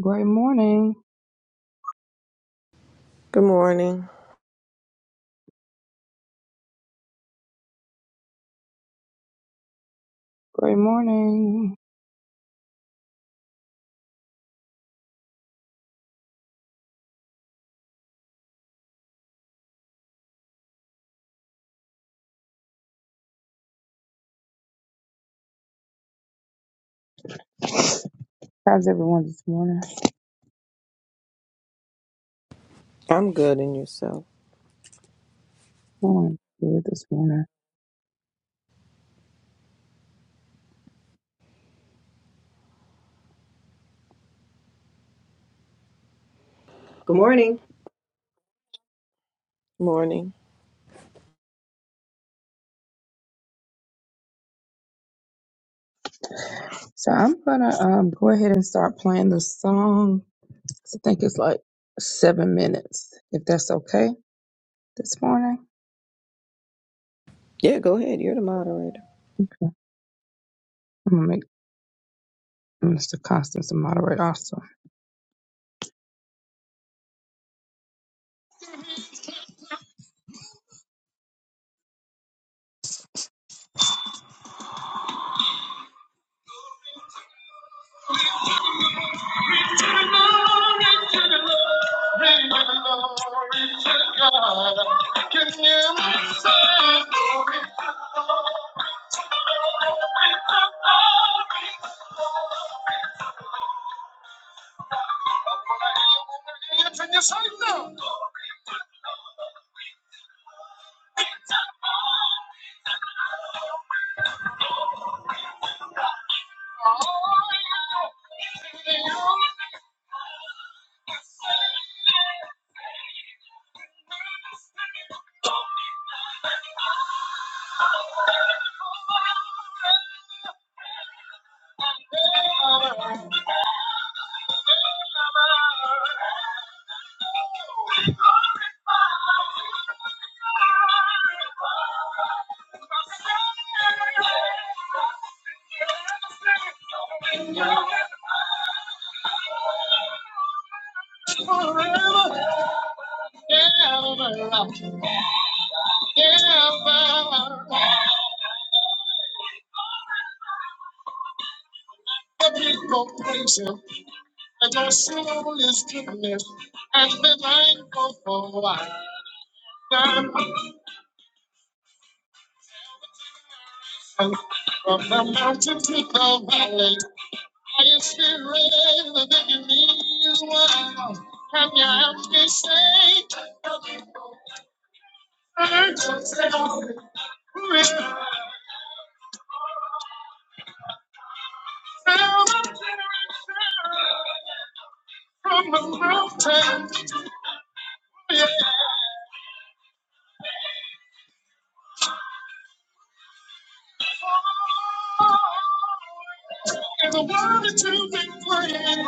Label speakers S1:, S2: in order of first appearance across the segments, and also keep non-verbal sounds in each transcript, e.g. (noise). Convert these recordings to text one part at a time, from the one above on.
S1: Great morning.
S2: Good morning.
S1: Great morning. How's everyone this morning?
S2: I'm good in yourself.
S1: Morning. Good this morning.
S3: Good morning.
S2: Morning.
S1: So I'm gonna um go ahead and start playing the song. I think it's like seven minutes, if that's okay this morning.
S2: Yeah, go ahead. You're the moderator.
S1: I'm gonna make Mr. Constance a moderator also. (laughs) Hands in your sight now. Forever, ever, ever. The people praise him, and their soul is goodness, and be thankful for them. From the mountains to the valley, I inspire the beginning is wild. Can you help me say? the people from the mountain. Yeah, and the word that you've been playing.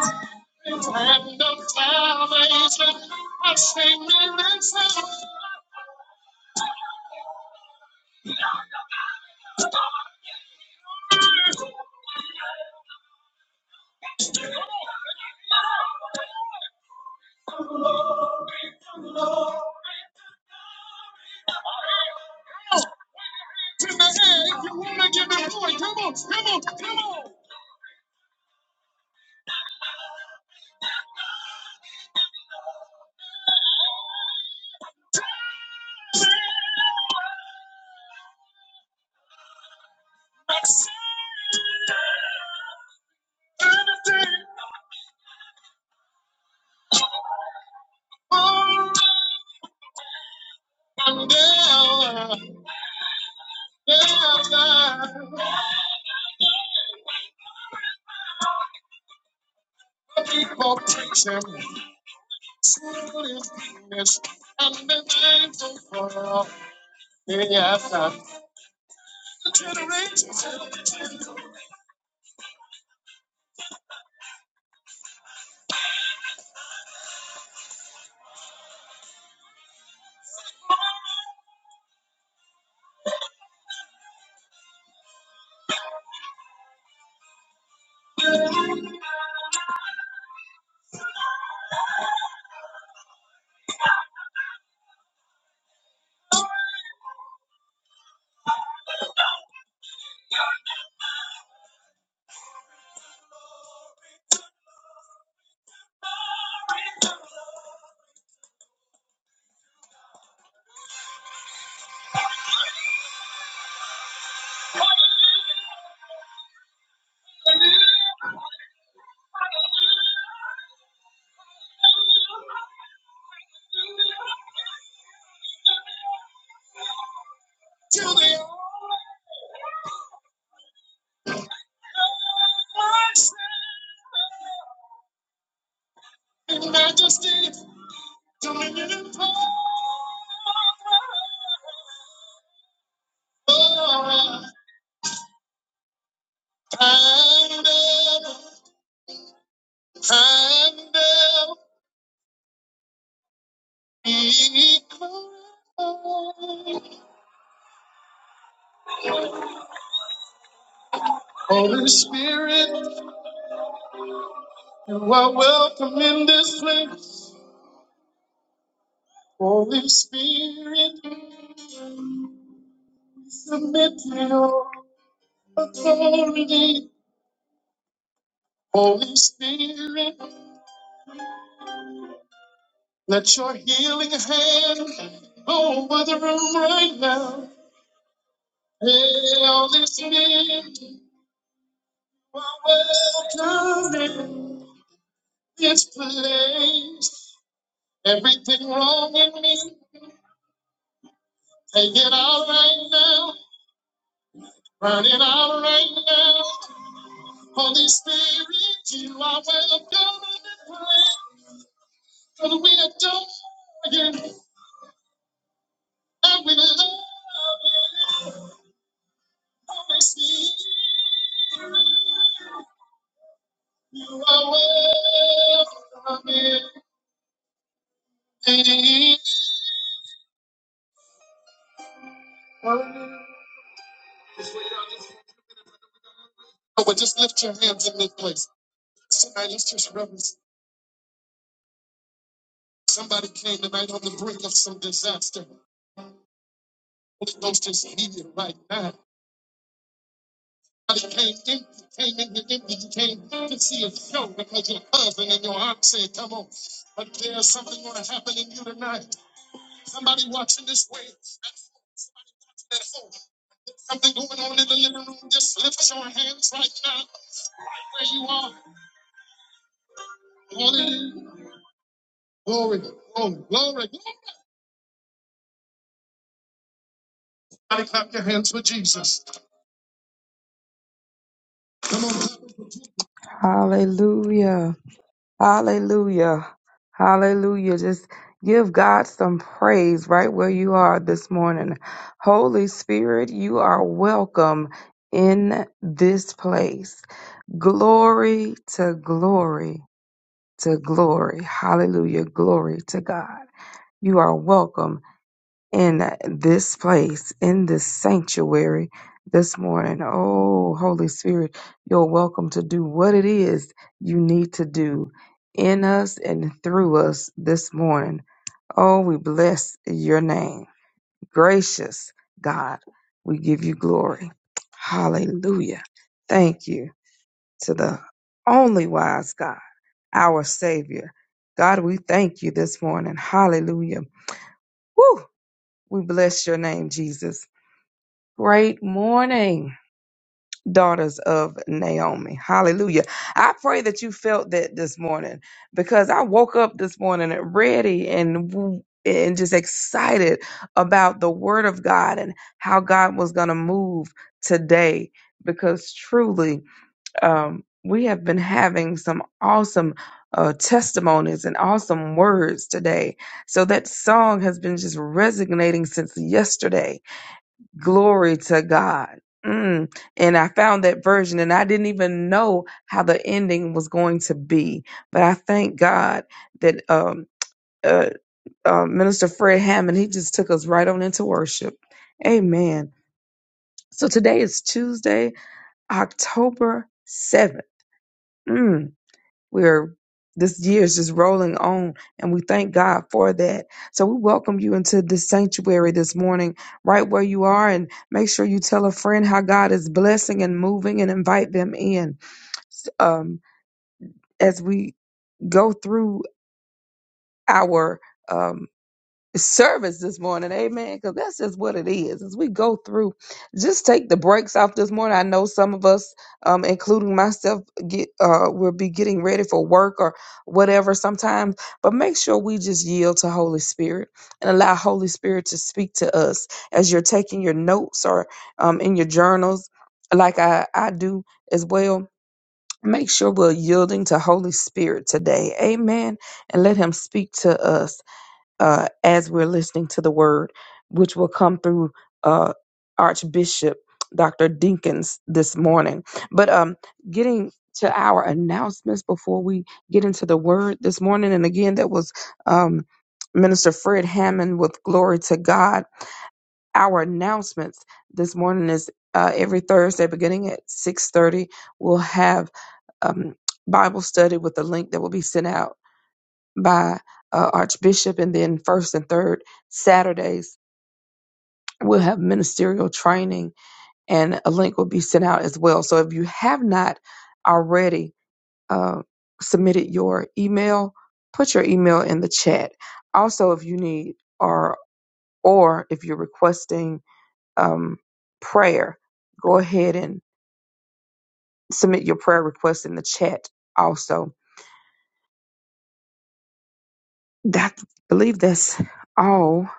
S1: It's hand of salvation. I say, man, that's how. Tonight, you wanna give it away. Come on, come on, come on. That's Saturday. Oh, And there, there, there. People preaching. Soon is goodness and the faithful for the after generation. To the in majesty, dominion and power, and ever, and ever. Holy Spirit, you are welcome in this place. Holy Spirit, we submit to your authority. Holy Spirit, let your healing hand go over the room right now. Hey, Holy Spirit, you are welcome in this place. Everything wrong in me. Take it out right now, run it out right now. Holy Spirit, you are welcome in this place. Cause we adore you and we love you. Holy Spirit, you are welcome in this place. But just lift your hands in this place. Tonight, let's just reverence. Somebody came tonight on the brink of some disaster. Holy Ghost is here right now. Somebody came in. came in here empty. You came to see a show because your cousin and your aunt said, come on. But there's something going to happen in you tonight. Somebody watching this way. somebody watching at home. Something going on in the living room. Just lift your hands right now, right where you are. Hallelujah. Glory, glory, glory. Somebody clap your hands for Jesus. Come on, Hallelujah. Hallelujah. Hallelujah. Just give God some praise right where you are this morning. Holy Spirit, you are welcome in this place. Glory to glory to glory. Hallelujah. Glory to God. You are welcome in this place, in this sanctuary this morning. Oh, Holy Spirit, you're welcome to do what it is you need to do in us and through us this morning. Oh, we bless your name. Gracious God, we give you glory. Hallelujah. Thank you to the only wise God, our Savior. God, we thank you this morning. Hallelujah. Woo! We bless your name, Jesus. Great morning, daughters of Naomi. Hallelujah. I pray that you felt that this morning because I woke up this morning ready and w- and just excited about the word of God and how God was going to move today because truly um we have been having some awesome uh, testimonies and awesome words today. So that song has been just resonating since yesterday Glory to God. Mm. And I found that version and I didn't even know how the ending was going to be. But I thank God that um, uh, uh, Minister Fred Hammond, he just took us right on into worship. Amen. So today is Tuesday, October 7th. We're this year is just rolling on, and we thank God for that. So we welcome you into this sanctuary this morning, right where you are, and make sure you tell a friend how God is blessing and moving, and invite them in. Um, as we go through our um, service this morning, amen. Because that's just what it is. As we go through, just take the breaks off this morning. I know some of us, um, including myself, get uh, will be getting ready for work or whatever sometimes. But make sure we just yield to Holy Spirit and allow Holy Spirit to speak to us as you're taking your notes or um, in your journals, like I I do as well. Make sure we're yielding to Holy Spirit today, Amen, and let Him speak to us uh, as we're listening to the word, which will come through uh, Archbishop Dr. Dinkins this morning. But um, getting to our announcements before we get into the word this morning, and again, that was um, Minister Fred Hammond with Glory to God. Our announcements this morning is uh, every Thursday, beginning at six thirty, we'll have um, Bible study with a link that will be sent out by uh, Archbishop, and then first and third Saturdays we'll have ministerial training, and a link will be sent out as well. So if you have not already uh, submitted your email, put your email in the chat. Also, if you need or or if you're requesting um, prayer, go ahead and submit your prayer request in the chat. Also, that I believe that's all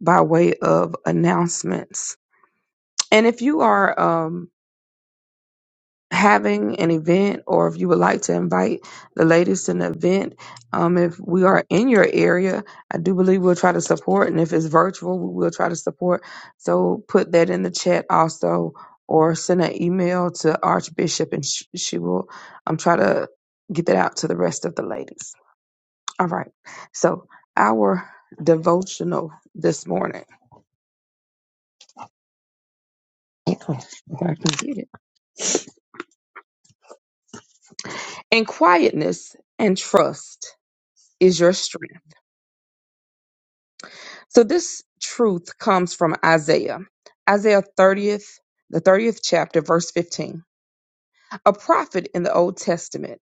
S1: by way of announcements. And if you are um, having an event or if you would like to invite the ladies to an event, um, if we are in your area, I do believe we'll try to support. And if it's virtual, we will try to support. So put that in the chat also or send an email to Archbishop and sh- she will um, try to get that out to the rest of the ladies. All right. So our devotional this morning. If I can get it. In quietness and trust. is your strength. So this truth comes from Isaiah. Isaiah 30th, the 30th chapter, verse 15. A prophet in the Old Testament,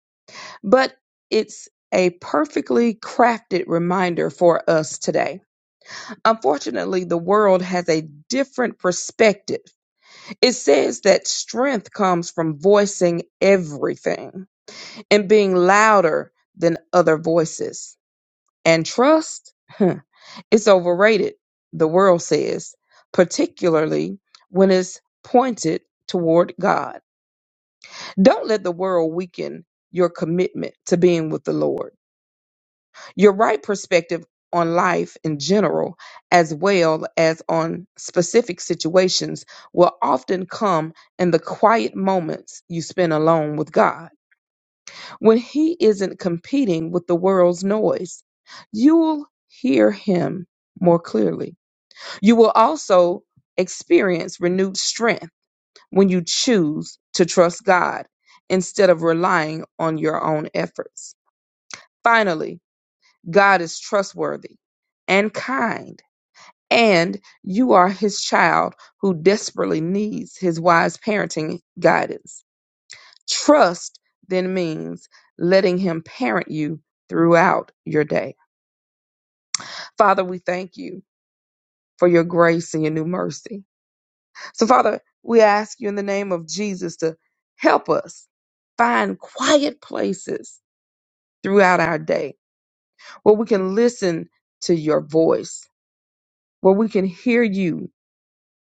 S1: but it's a perfectly crafted reminder for us today. Unfortunately, the world has a different perspective. It says that strength comes from voicing everything and being louder than other voices. And trust? (laughs) It's overrated, the world says, particularly when it's pointed toward God. Don't let the world weaken your commitment to being with the Lord. Your right perspective on life in general, as well as on specific situations, will often come in the quiet moments you spend alone with God. When He isn't competing with the world's noise, you'll hear Him more clearly. You will also experience renewed strength when you choose to trust God instead of relying on your own efforts. Finally, God is trustworthy and kind, and you are his child who desperately needs his wise parenting guidance. Trust then means letting him parent you throughout your day. Father, we thank you for your grace and your new mercy. So, Father, we ask you in the name of Jesus to help us find quiet places throughout our day where we can listen to your voice, where we can hear you,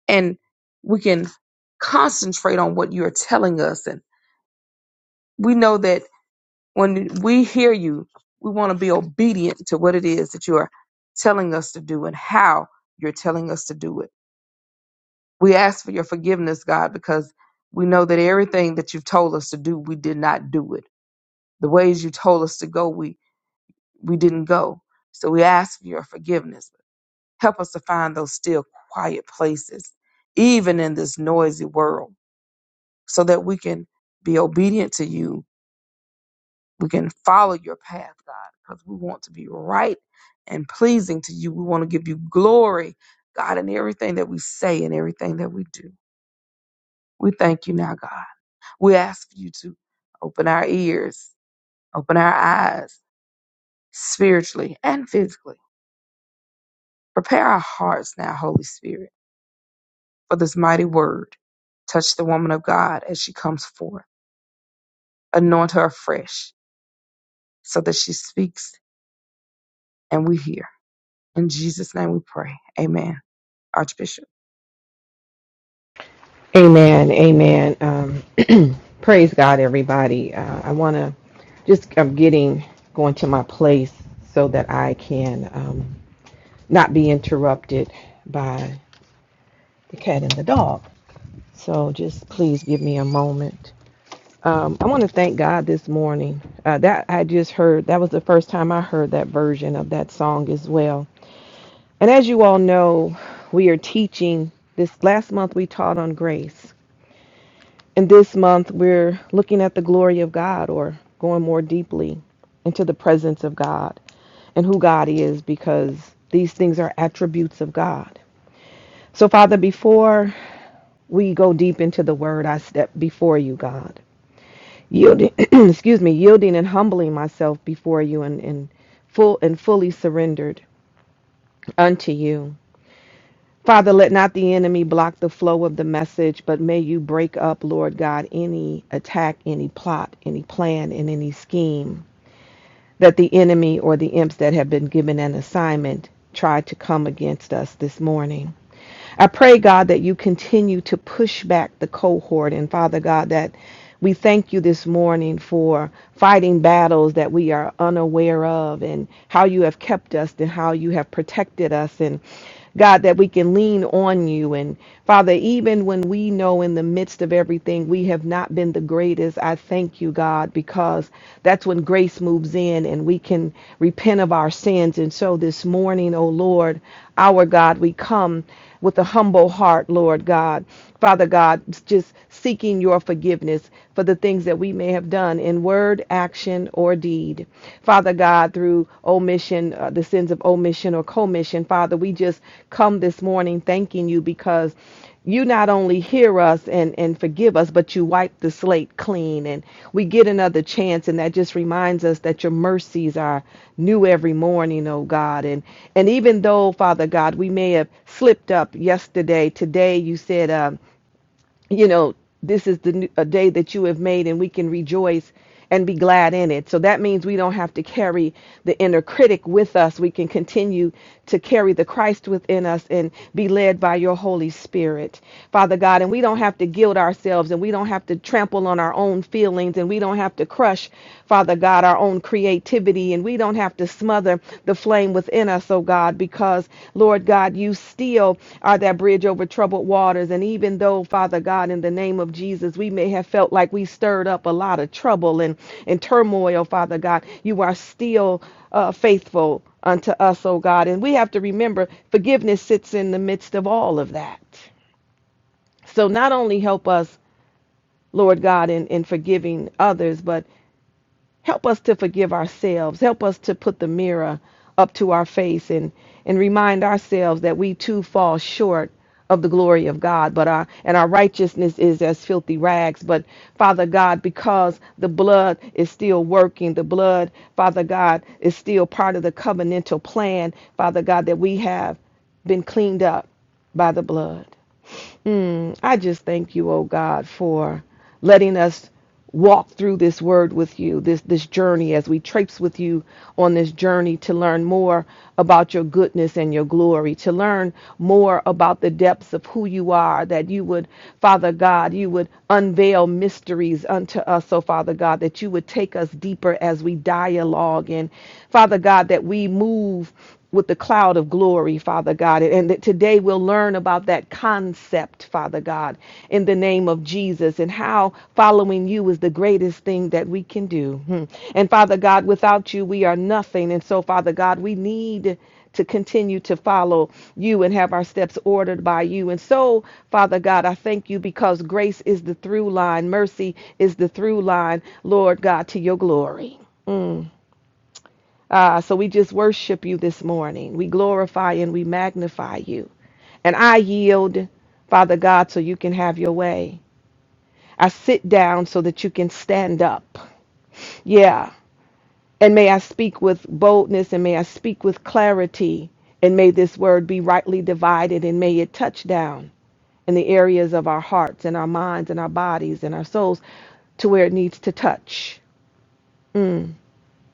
S1: and we can concentrate on what you're telling us. And we know that when we hear you, we want to be obedient to what it is that you are telling us to do and how you're telling us to do it. We ask for your forgiveness, God, because we know that everything that you've told us to do, we did not do it. The ways you told us to go, we we didn't go. So we ask for your forgiveness. Help us to find those still quiet places, even in this noisy world, so that we can be obedient to you. We can follow your path, God, because we want to be right and pleasing to you. We want to give you glory, God, in everything that we say and everything that we do. We thank you now, God. We ask you to open our ears, open our eyes spiritually and physically. Prepare our hearts now, Holy Spirit, for this mighty word. Touch the woman of God as she comes forth. Anoint her afresh so that she speaks and we hear. In Jesus' name we pray. Amen. Archbishop.
S2: Amen. Amen. Um, (clears throat) praise God, everybody. Uh, I want to just, I'm getting going to my place so that I can um, not be interrupted by the cat and the dog. So just please give me a moment. Um, I want to thank God this morning. Uh, that I just heard, that was the first time I heard that version of that song as well And as you all know, we are teaching this last month we taught on grace. And this month we're looking at the glory of God or going more deeply into the presence of God and who God is because these things are attributes of God. So, Father, before we go deep into the word, I step before you, God, yielding, (clears throat) excuse me, yielding and humbling myself before you and, and full and fully surrendered unto you. Father, let not the enemy block the flow of the message, but may you break up, Lord God, any attack, any plot, any plan, and any scheme that the enemy or the imps that have been given an assignment tried to come against us this morning. I pray, God, that you continue to push back the cohort. And Father God, that we thank you this morning for fighting battles that we are unaware of and how you have kept us and how you have protected us. And God, that we can lean on you. And Father, even when we know in the midst of everything we have not been the greatest, I thank you, God, because that's when grace moves in and we can repent of our sins. And so this morning, O Lord, our God, we come with a humble heart, Lord God. Father God, just seeking your forgiveness for the things that we may have done in word, action, or deed. Father God, through omission, uh, the sins of omission or commission, Father, we just come this morning thanking you because because you not only hear us and, and forgive us, but you wipe the slate clean and we get another chance. And that just reminds us that your mercies are new every morning, oh God. And and even though, Father God, we may have slipped up yesterday, today you said. um, you know, this is the a day that you have made, and we can rejoice and be glad in it. So that means we don't have to carry the inner critic with us. We can continue to carry the Christ within us and be led by your Holy Spirit, Father God. And we don't have to guilt ourselves, and we don't have to trample on our own feelings, and we don't have to crush, Father God, our own creativity we don't have to smother the flame within us, oh God, because, Lord God, you still are that bridge over troubled waters. And even though, Father God, in the name of Jesus, we may have felt like we stirred up a lot of trouble and, and turmoil, Father God, you are still uh, faithful unto us, oh God. And we have to remember forgiveness sits in the midst of all of that. So not only help us, Lord God, in, in forgiving others, but Help us to forgive ourselves. Help us to put the mirror up to our face and, and remind ourselves that we too fall short of the glory of God, but our and our righteousness is as filthy rags. But Father God, because the blood is still working, the blood, Father God, is still part of the covenantal plan, Father God, that we have been cleaned up by the blood. I just thank you, oh God, for letting us walk through this word with you, this this journey as we traipse with you on this journey to learn more about your goodness and your glory, to learn more about the depths of who you are, that you would, Father God, you would unveil mysteries unto us, oh Father God, that you would take us deeper as we dialogue and Father God, that we move with the cloud of glory, Father God. And that today we'll learn about that concept, Father God, in the name of Jesus, and how following you is the greatest thing that we can do. Hmm. And Father God, without you, we are nothing. And so, Father God, we need to continue to follow you and have our steps ordered by you. And so, Father God, I thank you because grace is the through line, mercy is the through line, Lord God, to your glory. Ah, so we just worship you this morning. We glorify and we magnify you. And I yield, Father God, so you can have your way. I sit down so that you can stand up. Yeah. And may I speak with boldness and may I speak with clarity. And may this word be rightly divided and may it touch down in the areas of our hearts and our minds and our bodies and our souls to where it needs to touch. Mm.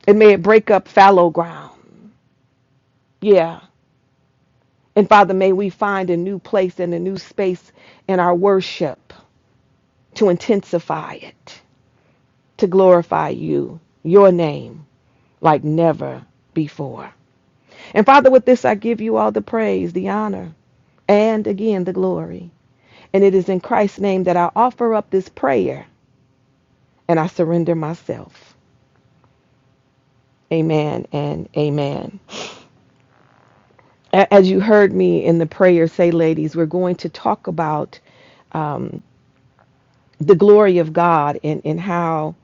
S2: And may it break up fallow ground. Yeah. And Father, may we find a new place and a new space in our worship to intensify it, to glorify you, your name, like never before. And Father, with this, I give you all the praise, the honor, and again the glory. And it is in Christ's name that I offer up this prayer and I surrender myself. Amen and amen. As you heard me in the prayer say, ladies, we're going to talk about um, the glory of God and, and how.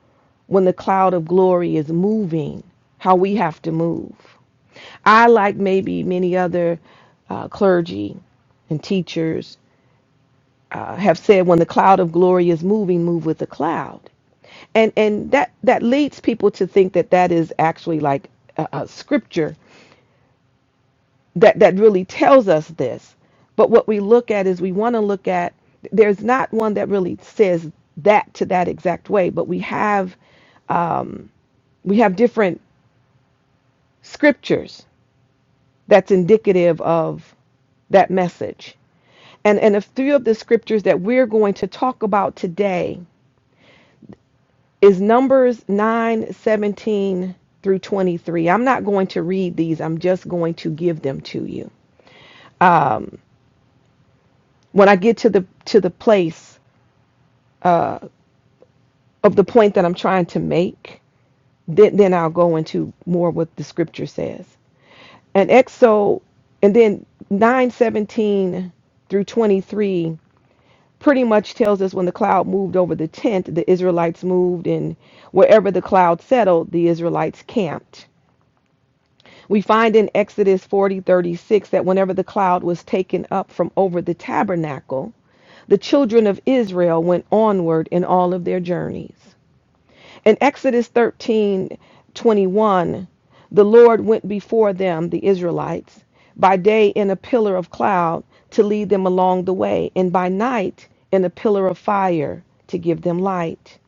S2: when the cloud of glory is moving, how we have to move. I, like maybe many other uh, clergy and teachers, uh, have said when the cloud of glory is moving, move with the cloud. And, and that, that leads people to think that that is actually like a, a scripture that, that really tells us this. But what we look at is we want to look at, there's not one that really says that to that exact way, but we have um, we have different scriptures that's indicative of that message. And and a three of the scriptures that we're going to talk about today is Numbers 9 17 through 23. I'm not going to read these. I'm just going to give them to you. Um, when I get to the to the place uh, of the point that I'm trying to make, then, then I'll go into more what the scripture says. And exo and then 917 through 23 pretty much tells us when the cloud moved over the tent, the Israelites moved, and wherever the cloud settled, the Israelites camped. We find in Exodus 40:36 that whenever the cloud was taken up from over the tabernacle, the children of Israel went onward in all of their journeys. In Exodus 13:21, the Lord went before them, the Israelites, by day in a pillar of cloud to lead them along the way, and by night in a pillar of fire to give them light.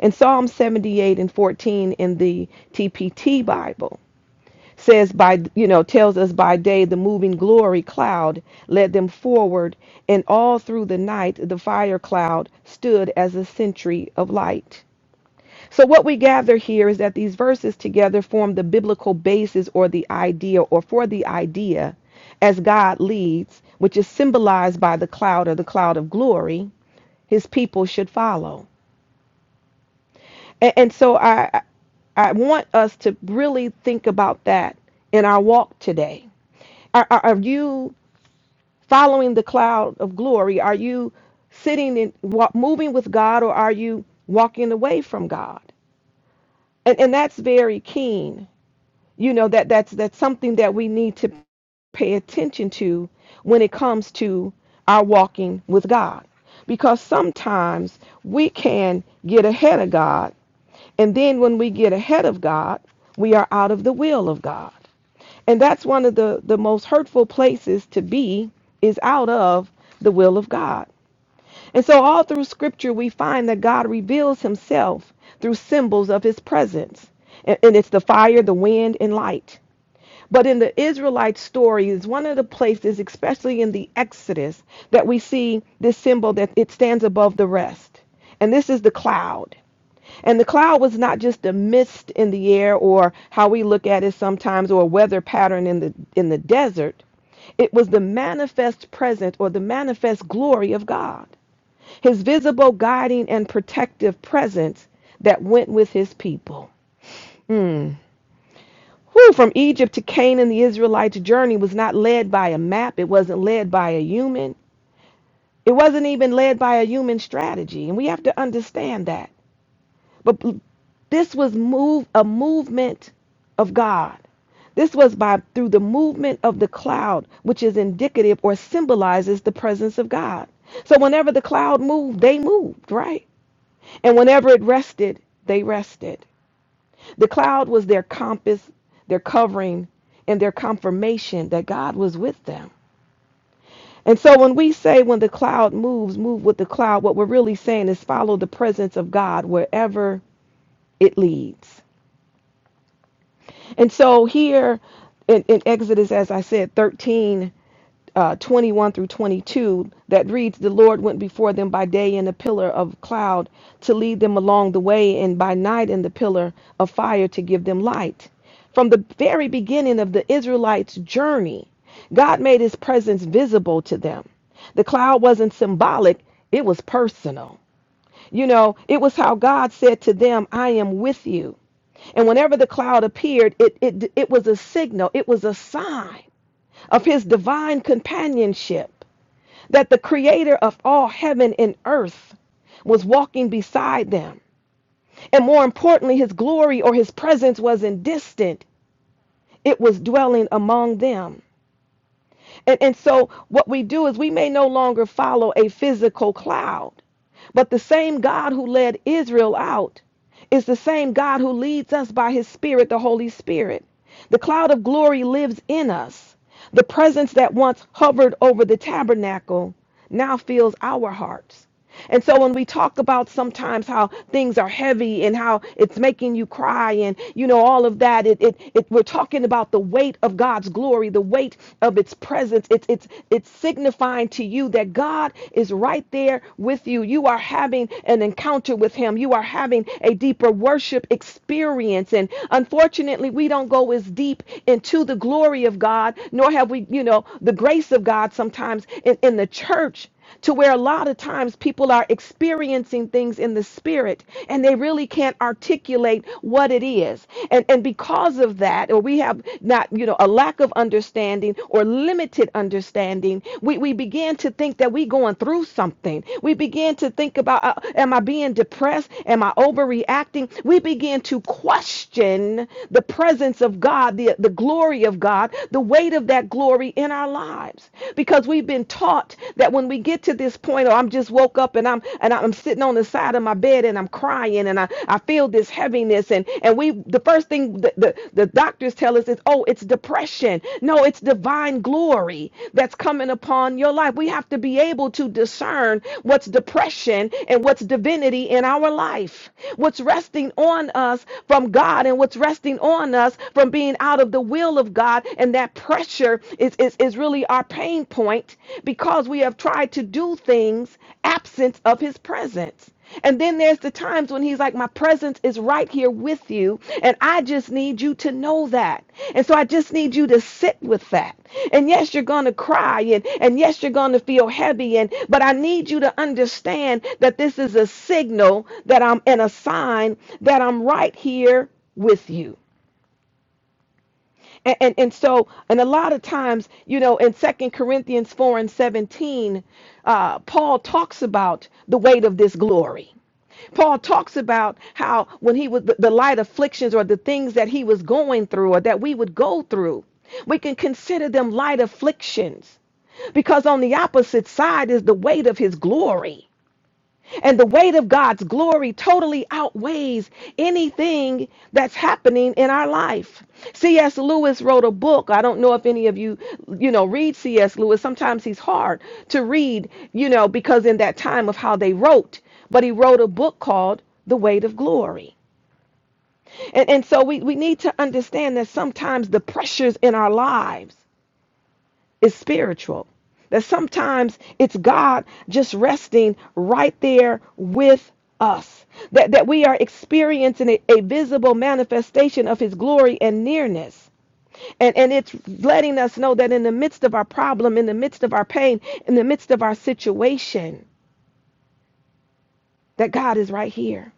S2: And Psalm 78 and 14 in the TPT Bible says by you know tells us by day the moving glory cloud led them forward and all through the night the fire cloud stood as a sentry of light so, what we gather here is that these verses together form the biblical basis or the idea, or for the idea, as God leads, which is symbolized by the cloud or the cloud of glory, his people should follow. And, and so, I, I want us to really think about that in our walk today. Are, are, are you following the cloud of glory? Are you sitting in moving with God, or are you walking away from God? And, and that's very keen you know that that's that's something that we need to pay attention to when it comes to our walking with God because sometimes we can get ahead of God and then when we get ahead of God we are out of the will of God and that's one of the the most hurtful places to be is out of the will of God and so all through scripture we find that God reveals himself through symbols of his presence and, and it's the fire the wind and light but in the Israelite story is one of the places, especially in the Exodus, that we see this symbol that it stands above the rest. And this is the cloud. And the cloud was not just a mist in the air or how we look at it sometimes or a weather pattern in the in the desert. It was the manifest presence or the manifest glory of God. His visible guiding and protective presence that went with his people. Mm. Who from Egypt to Canaan, the Israelite journey was not led by a map. It wasn't led by a human. It wasn't even led by a human strategy. And we have to understand that. But this was move a movement of God. This was by through the movement of the cloud, which is indicative or symbolizes the presence of God. So whenever the cloud moved, they moved, right? And whenever it rested, they rested. The cloud was their compass, their covering, and their confirmation that God was with them. And so when we say when the cloud moves, move with the cloud, what we're really saying is follow the presence of God wherever it leads. And so here in, in Exodus, as I said, 13. uh, 21 through 22 that reads, The Lord went before them by day in a pillar of cloud to lead them along the way, and by night in the pillar of fire to give them light. From the very beginning of the Israelites' journey, God made his presence visible to them. The cloud wasn't symbolic, it was personal. You know, it was how God said to them, I am with you. And whenever the cloud appeared, it, it, it was a signal, it was a sign of his divine companionship, that the creator of all heaven and earth was walking beside them. And more importantly, his glory or his presence wasn't distant, it was dwelling among them. And, and so what we do is we may no longer follow a physical cloud, but the same God who led Israel out is the same God who leads us by his spirit, the Holy Spirit. The cloud of glory lives in us. The presence that once hovered over the tabernacle now fills our hearts. And so when we talk about sometimes how things are heavy and how it's making you cry and you know all of that, it, it, it we're talking about the weight of God's glory, the weight of its presence presence. It's it's it's signifying to you that God is right there with you. You are having an encounter with him. You are having a deeper worship experience. And unfortunately, we don't go as deep into the glory of God, nor have we, you know, the grace of God sometimes in, in the church to where a lot of times people are experiencing things in the spirit and they really can't articulate what it is and and because of that or we have not you know a lack of understanding or limited understanding we we begin to think that we going through something we begin to think about uh, am i being depressed am i overreacting we begin to question the presence of god the the glory of god the weight of that glory in our lives lives because we've been taught that when we get to this point, or I'm just woke up and I'm and I'm sitting on the side of my bed and I'm crying and I, I feel this heaviness and and we the first thing the, the the doctors tell us is oh it's depression. No, it's divine glory that's coming upon your life. We have to be able to discern what's depression and what's divinity in our life, what's resting on us from God and what's resting on us from being out of the will of God God. And that pressure is, is, is really our pain point because we have tried to do things absent of his presence. And then there's the times when he's like, My presence is right here with you, and I just need you to know that. And so I just need you to sit with that. And yes, you're gonna cry, and, and yes, you're gonna feel heavy, and but I need you to understand that this is a signal that I'm and a sign that I'm right here with you. And, and and so and a lot of times you know in second corinthians 4 and 17 uh, paul talks about the weight of this glory Paul talks about how when he was the, the light afflictions or the things that he was going through or that we would go through, we can consider them light afflictions because on the opposite side is the weight of his glory. And the weight of God's glory totally outweighs anything that's happening in our life. C.S. Lewis wrote a book. I don't know if any of you, you know, read C.S. Lewis. Sometimes he's hard to read, you know, because in that time of how they wrote. But he wrote a book called The Weight of Glory. And, and so we, we need to understand that sometimes the pressures in our lives is spiritual. That sometimes it's God just resting right there with us. That, that we are experiencing a, a visible manifestation of his glory and nearness. And, and it's letting us know that in the midst of our problem, in the midst of our pain, in the midst of our situation, that God is right here.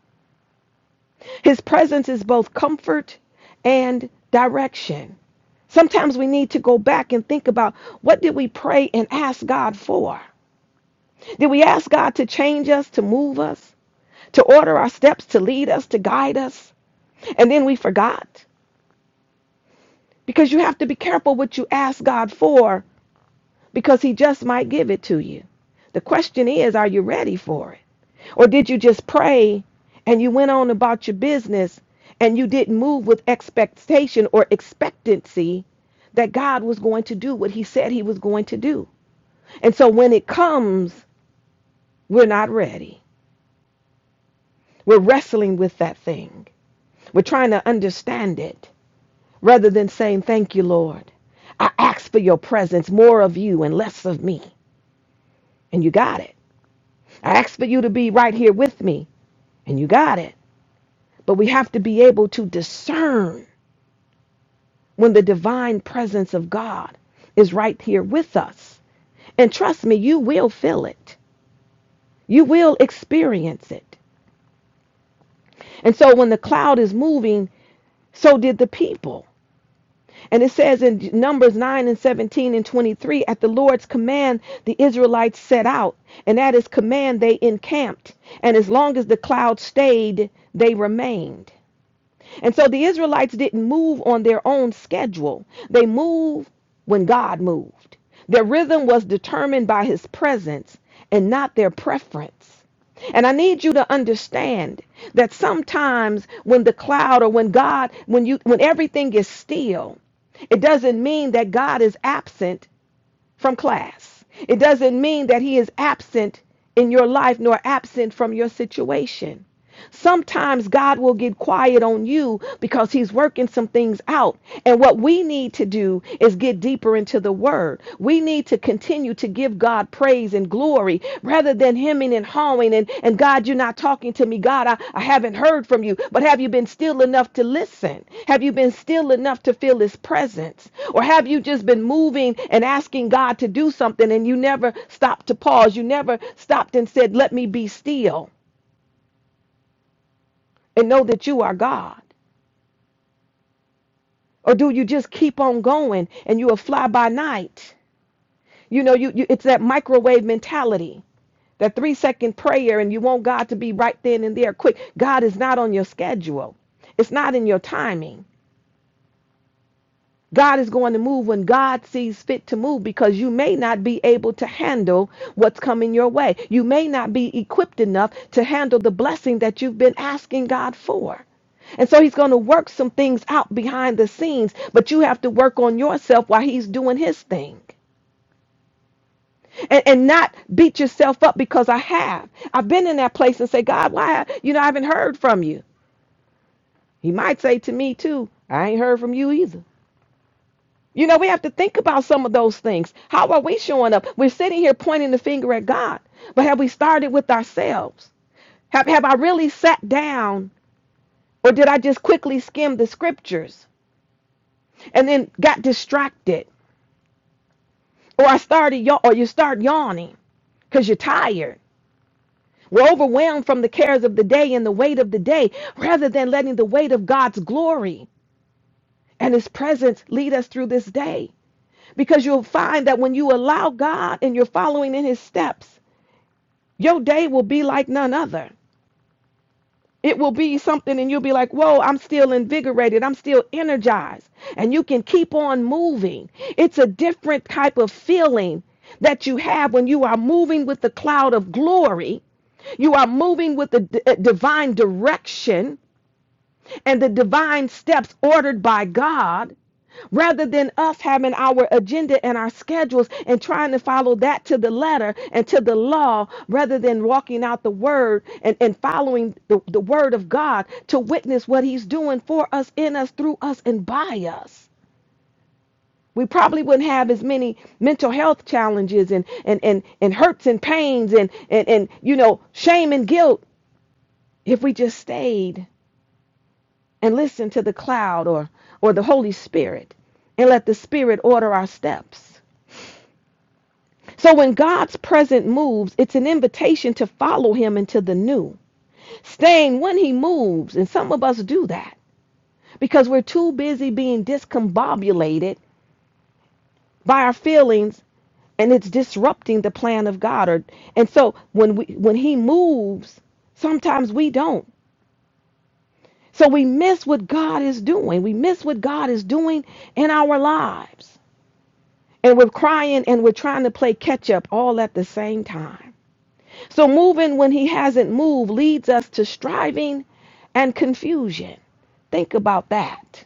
S2: His presence is both comfort and direction. Sometimes we need to go back and think about what did we pray and ask God for? Did we ask God to change us, to move us, to order our steps, to lead us, to guide us? And then we forgot? Because you have to be careful what you ask God for because He just might give it to you. The question is, are you ready for it? Or did you just pray and you went on about your business and you didn't move with expectation or expectancy that God was going to do what He said He was going to do? And so when it comes, we're not ready. We're wrestling with that thing. We're trying to understand it rather than saying, Thank you, Lord. I ask for your presence, more of you and less of me. And you got it. I ask for you to be right here with me. And you got it. But we have to be able to discern when the divine presence of God is right here with us. And trust me, you will feel it, you will experience it. And so when the cloud is moving, so did the people. And it says in Numbers 9 and 17 and 23, at the Lord's command, the Israelites set out. And at his command, they encamped. And as long as the cloud stayed, they remained. And so the Israelites didn't move on their own schedule. They moved when God moved. Their rhythm was determined by his presence and not their preference. And I need you to understand that sometimes when the cloud or when God, when you when everything is still, it doesn't mean that God is absent from class. It doesn't mean that he is absent in your life nor absent from your situation. Sometimes God will get quiet on you because he's working some things out. And what we need to do is get deeper into the word. We need to continue to give God praise and glory rather than hemming and hawing and, and God, you're not talking to me. God, I, I haven't heard from you. But have you been still enough to listen? Have you been still enough to feel his presence? Or have you just been moving and asking God to do something and you never stopped to pause? You never stopped and said, Let me be still and know that you are God. Or do you just keep on going and you are fly by night? You know, you, you it's that microwave mentality That three second prayer, and you want God to be right then and there quick. God is not on your schedule, it's not in your timing. God is going to move when God sees fit to move because you may not be able to handle what's coming your way. You may not be equipped enough to handle the blessing that you've been asking God for. And so he's going to work some things out behind the scenes, but you have to work on yourself while he's doing his thing. and, and not beat yourself up because I have. I've been in that place and say, God, why? You know, I haven't heard from you. He might say to me, too, I ain't heard from you either. You know, we have to think about some of those things. How are we showing up? We're sitting here pointing the finger at God, but have we started with ourselves? Have, have I really sat down, or did I just quickly skim the scriptures and then got distracted? Or I started, ya- or you start yawning because you're tired We're overwhelmed from the cares of the day and the weight of the day rather than letting the weight of God's glory and His presence lead us through this day. Because you'll find that when you allow God and you're following in His steps, your day will be like none other. It will be something, and you'll be like, Whoa, I'm still invigorated. I'm still energized. And you can keep on moving. It's a different type of feeling that you have when you are moving with the cloud of glory. You are moving with the d- uh, divine direction and the divine steps ordered by God rather than us having our agenda and our schedules and trying to follow that to the letter and to the law rather than walking out the word and, and following the, the word of God to witness what he's doing for us, in us, through us, and by us. We probably wouldn't have as many mental health challenges and and and, and hurts and pains and, and and you know shame and guilt if we just stayed and listen to the cloud or or the holy spirit and let the spirit order our steps so when god's present moves it's an invitation to follow him into the new staying when he moves and some of us do that because we're too busy being discombobulated by our feelings and it's disrupting the plan of god or and so when we when he moves sometimes we don't so we miss what god is doing we miss what god is doing in our lives and we're crying and we're trying to play catch up all at the same time. So moving when he hasn't moved leads us to striving and confusion. Think about that.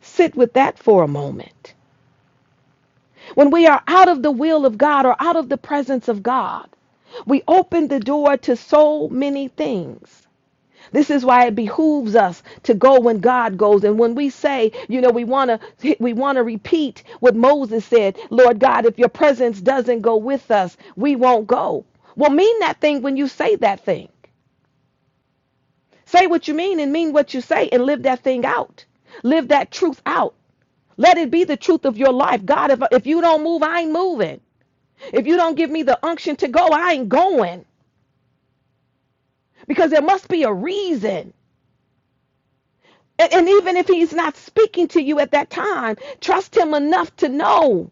S2: Sit with that for a moment. When we are out of the will of God or out of the presence of God, we open the door to so many things. This is why it behooves us to go when God goes. And when we say, you know, we want to we want to repeat what Moses said, Lord God, if your presence doesn't go with us, we won't go. Well, mean that thing when you say that thing. Say what you mean and mean what you say and live that thing out. Live that truth out. Let it be the truth of your life. God, if, if you don't move, I ain't moving. If you don't give me the unction to go, I ain't going. Because there must be a reason. And, and even if he's not speaking to you at that time, trust him enough to know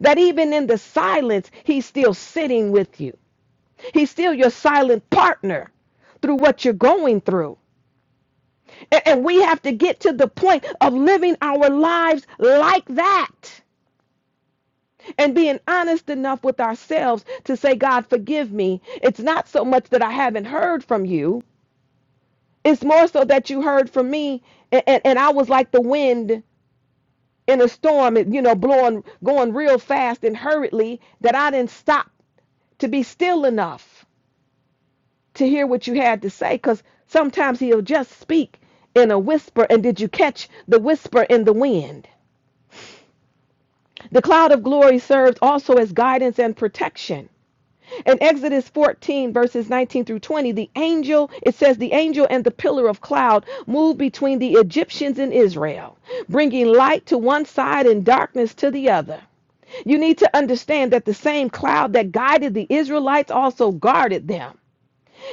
S2: that even in the silence, he's still sitting with you. He's still your silent partner through what you're going through. A- And we have to get to the point of living our lives like that and being honest enough with ourselves to say, God, forgive me. It's not so much that I haven't heard from you, it's more so that you heard from me and, and, and I was like the wind in a storm, you know, blowing, going real fast and hurriedly that I didn't stop to be still enough to hear what you had to say because sometimes he'll just speak in a whisper. And did you catch the whisper in the wind? The cloud of glory serves also as guidance and protection. In Exodus 14, verses 19 through 20, the angel, it says, the angel and the pillar of cloud moved between the Egyptians and Israel, bringing light to one side and darkness to the other. You need to understand that the same cloud that guided the Israelites also guarded them.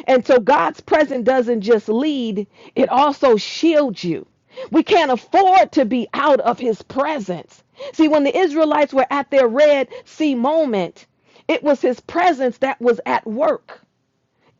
S2: And so God's presence doesn't just lead, it also shields you. We can't afford to be out of his presence. See, when the Israelites were at their Red Sea moment, it was his presence that was at work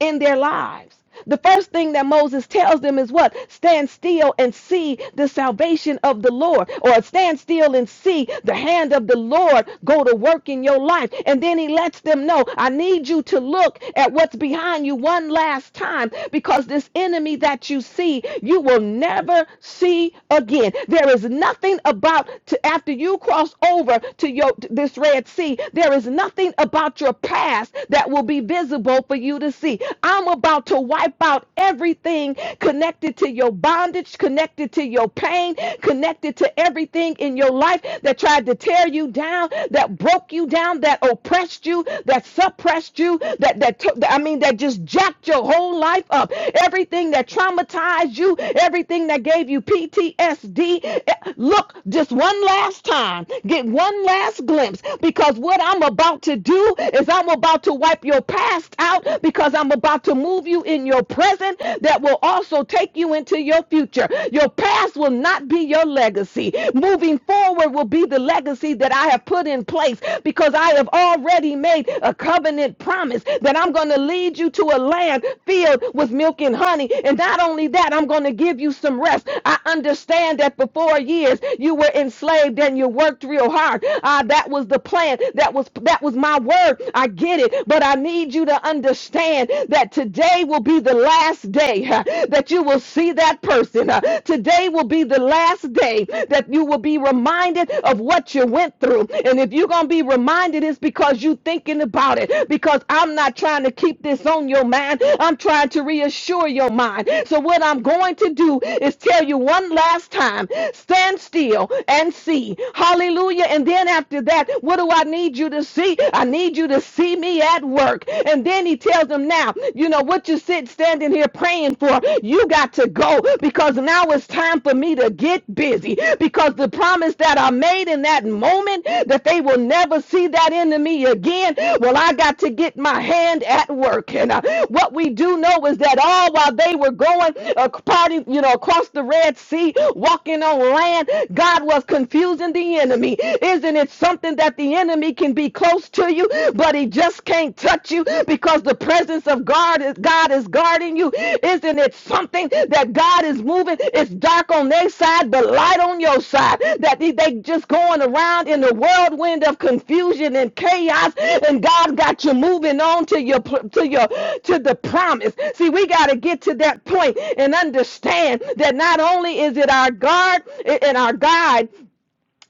S2: in their lives. The first thing that Moses tells them is what? Stand still and see the salvation of the Lord, or stand still and see the hand of the Lord go to work in your life. And then he lets them know, I need you to look at what's behind you one last time because this enemy that you see, you will never see again. There is nothing about to after you cross over to your this Red Sea, there is nothing about your past that will be visible visible for you to see. I'm about to wipe out everything connected to your bondage, connected to your pain, connected to everything in your life that tried to tear you down, that broke you down, that oppressed you, that suppressed you, that that took I mean that just jacked your whole life up. Everything that traumatized you, everything that gave you PTSD. eh, Look just one last time. Get one last glimpse because what I'm about to do is I'm I'm about to wipe your past out because I'm about to move you in your present that will also take you into your future. Your past will not be your legacy. Moving forward will be the legacy that I have put in place because I have already made a covenant promise that I'm going to lead you to a land filled with milk and honey. And not only that, I'm going to give you some rest. I understand that for four years you were enslaved and you worked real hard. Ah, that was the plan. That was that was my word. I get it. But I need you to understand that today will be the last day huh, that you will see that person. huh. Today will be the last day that you will be reminded of what you went through. And if you're going to be reminded, it's because you're thinking about it. Because I'm not trying to keep this on your mind. I'm trying to reassure your mind. So what I'm going to do is tell you one last time, stand still and see. Hallelujah. And then after that, Lord, what do I need you to see? I need you to see me at work. And then he tells them, now, you know what you sit standing here praying for, you got to go because now it's time for me to get busy because the promise that I made in that moment that they will never see that enemy again. Well, I got to get my hand at work. And uh, what we do know is that all while they were going uh, party, you know, across the Red Sea, walking on land, God was confusing the enemy body. Isn't it something that the enemy can be close to you, but he just can't touch you because the presence of God is God is guarding you? Isn't it something that God is moving? It's dark on their side, but light on your side. That they, they just going around in the whirlwind of confusion and chaos, and God got you moving on to your to your to the promise. See, we got to get to that point and understand that not only is it our guard and our guide,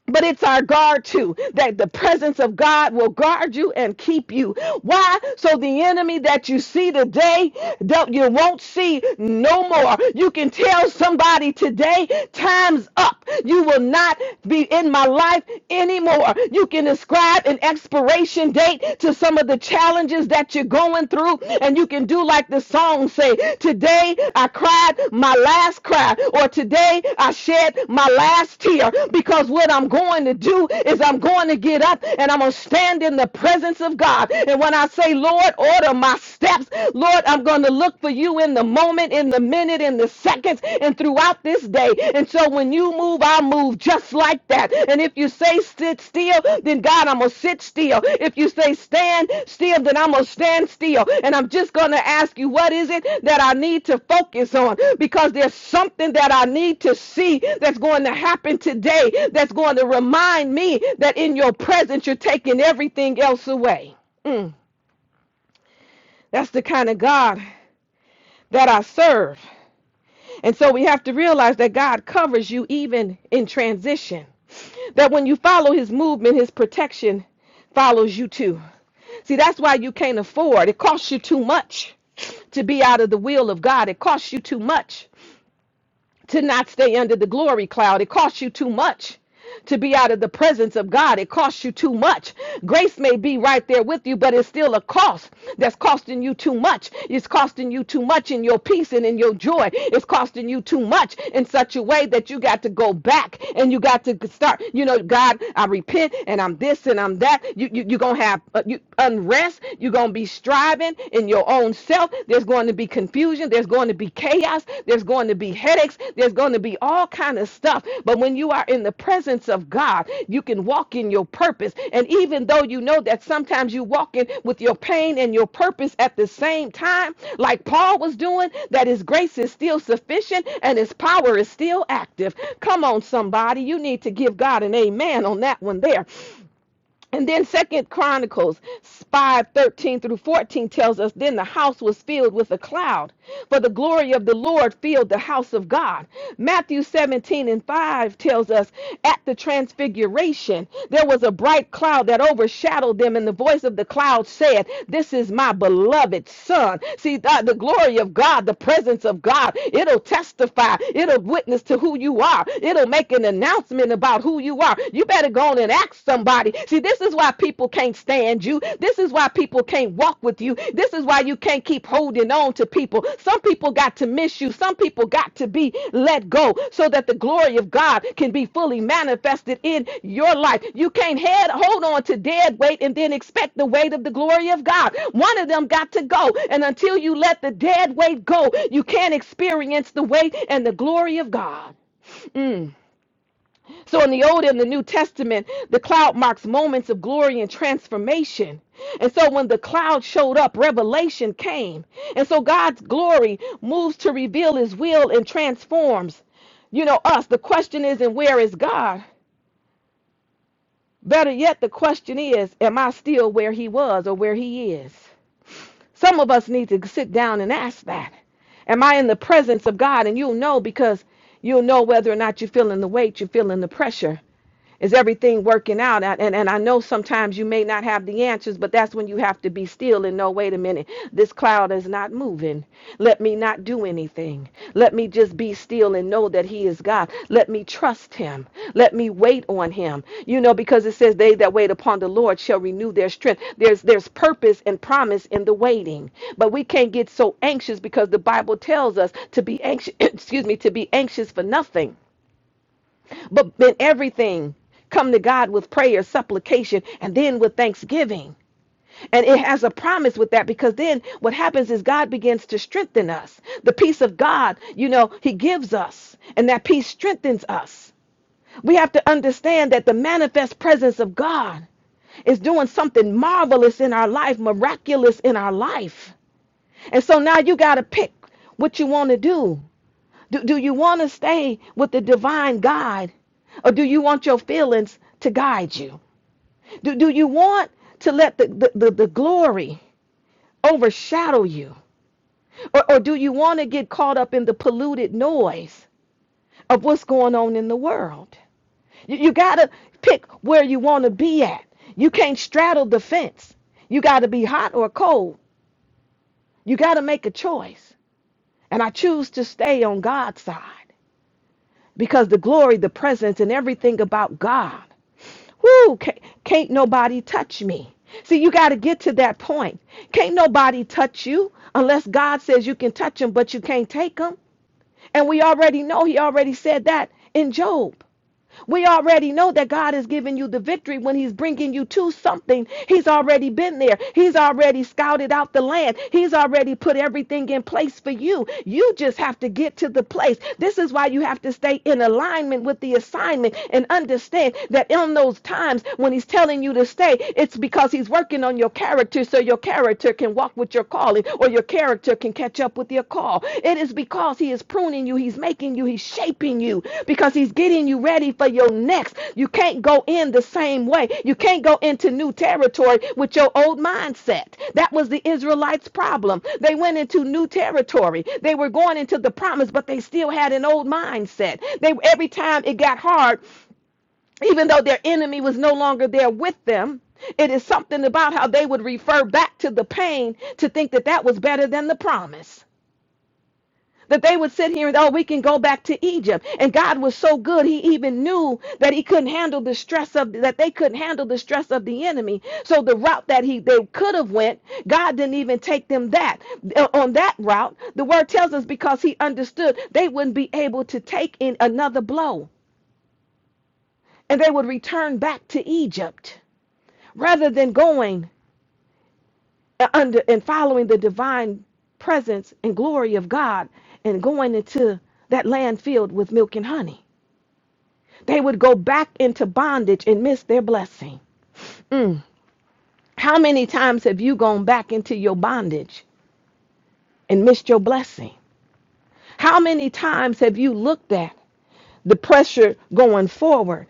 S2: but it's our guard too that the presence of God will guard you and keep you. Why? So the enemy that you see today, do you won't see no more. You can tell somebody today, time's up. You will not be in my life anymore. You can ascribe an expiration date to some of the challenges that you're going through through and you can do like the song say, today I cried my last cry or today I shed my last tear because what I'm going to do is I'm going to get up and I'm going to stand in the presence of God. And when I say, Lord, order my steps, Lord, I'm going to look for you in the moment, in the minute, in the seconds, and throughout this day. And so when you move, I move just like that. And if you say sit still, then God, I'm going to sit still. If you say stand still, then I'm going to stand still. And I'm just going to ask you, what is it that I need to focus on? Because there's something that I need to see that's going to happen today that's going to remind me that in your presence, you're taking everything else away. Mm. That's the kind of God that I serve. And so we have to realize that God covers you even in transition. That when you follow his movement, his protection follows you too. See, that's why you can't afford. It costs you too much to be out of the will of God. It costs you too much to not stay under the glory cloud. It costs you too much to be out of the presence of God. It costs you too much. Grace may be right there with you, but it's still a cost that's costing you too much. It's costing you too much in your peace and in your joy. It's costing you too much in such a way that you got to go back and you got to start, you know, God, I repent and I'm this and I'm that. You, you, you're going to have uh, you, unrest. You're going to be striving and in your own self. There's going to be confusion. There's going to be chaos. There's going to be headaches. There's going to be all kind of stuff. But when you are in the presence of God, you can walk in your purpose. And even though you know that sometimes you walk in with your pain and your purpose at the same time, like Paul was doing, that his grace is still sufficient and his power is still active. Come on, somebody. You need to give God an amen on that one there. And then Second Chronicles 5:13 through 14 tells us then the house was filled with a cloud, for the glory of the Lord filled the house of God. Matthew 17 and 5 tells us at the transfiguration there was a bright cloud that overshadowed them, and the voice of the cloud said, This is my beloved son. See, th- the glory of God, the presence of God, it'll testify, it'll witness to who you are, it'll make an announcement about who you who you are. You better go on and ask somebody. See, this is why people can't stand you. This is why people can't walk with you. This is why you can't keep holding on to people. Some people got to miss you. Some people got to be let go so that the glory of God can be fully manifested in your life. You can't head hold on to dead weight and then expect the weight of the glory of God. One of them got to go. And until you let the dead weight go, you can't experience the weight and the glory of God. So in the Old and the New Testament, the cloud marks moments of glory and transformation. And so when the cloud showed up, revelation came. And so God's glory moves to reveal his will and transforms, you know, us. The question isn't where is God? Better yet, the question is, am I still where he was or where he is? Some of us need to sit down and ask that. Am I in the presence of God? And you'll know because you'll know whether or not you're feeling the weight, you're feeling the pressure. Is everything working out? And, and and I know sometimes you may not have the answers, but that's when you have to be still and know, wait a minute, this cloud is not moving. Let me not do anything anything. Let me just be still and know that He is God. Let me trust Him. Let me wait on Him. You know, because it says, "They that wait upon the Lord shall renew their strength." There's there's purpose and promise in the waiting, but we can't get so anxious because the Bible tells us to be anxious. (coughs) (clears throat) excuse me, to be anxious for nothing, but in everything. Come to God with prayer, supplication, and then with thanksgiving. And it has a promise with that because then what happens is God begins to strengthen us. The peace of God, you know, He gives us, and that peace strengthens us. We have to understand that the manifest presence of God is doing something marvelous in our life, miraculous in our life. And so now you got to pick what you want to do. do. Do you want to stay with the divine guide or do you want your feelings to guide you? Do, do you want to let the, the, the, the glory? overshadow you? Or, or do you want to get caught up in the polluted noise of what's going on in the world? You, you got to pick where you want to be at. You can't straddle the fence. You got to be hot or cold. You got to make a choice. And I choose to stay on God's side. because the glory, the presence, and everything about God. Woo, can't, can't nobody touch me. See, you got to get to that point. Can't nobody touch you unless God says you can touch them, but you can't take them. And we already know he already said that in Job. We already know that God is giving you the victory when He's bringing you to something. He's already been there. He's already scouted out the land. He's already put everything in place for you. You just have to get to the place. This is why you have to stay in alignment with the assignment and understand that in those times when He's telling you to stay, it's because He's working on your character so your character can walk with your call calling or your character can catch up with your call. It is because He is pruning you, He's making you, He's shaping you because He's getting you ready for your next. You can't go in the same way. You can't go into new territory with your old mindset. That was the Israelites' problem. They went into new territory. They were going into the promise, but they still had an old mindset. They every time it got hard, even though their enemy was no longer there with them. It is something about how they would refer back to the pain to think that that was better than the promise. That they would sit here and, oh, we can go back to Egypt. And God was so good, He even knew that He couldn't handle the stress of that they couldn't handle the stress of the enemy. So the route that He they could have went, God didn't even take them that Uh, on that route. The word tells us because He understood they wouldn't be able to take in another blow, and they would return back to Egypt. rather than going under and following the divine presence and glory of God and going into that land filled with milk and honey. They would go back into bondage and miss their blessing. Mm. How many times have you gone back into your bondage and missed your blessing? How many times have you looked at the pressure going forward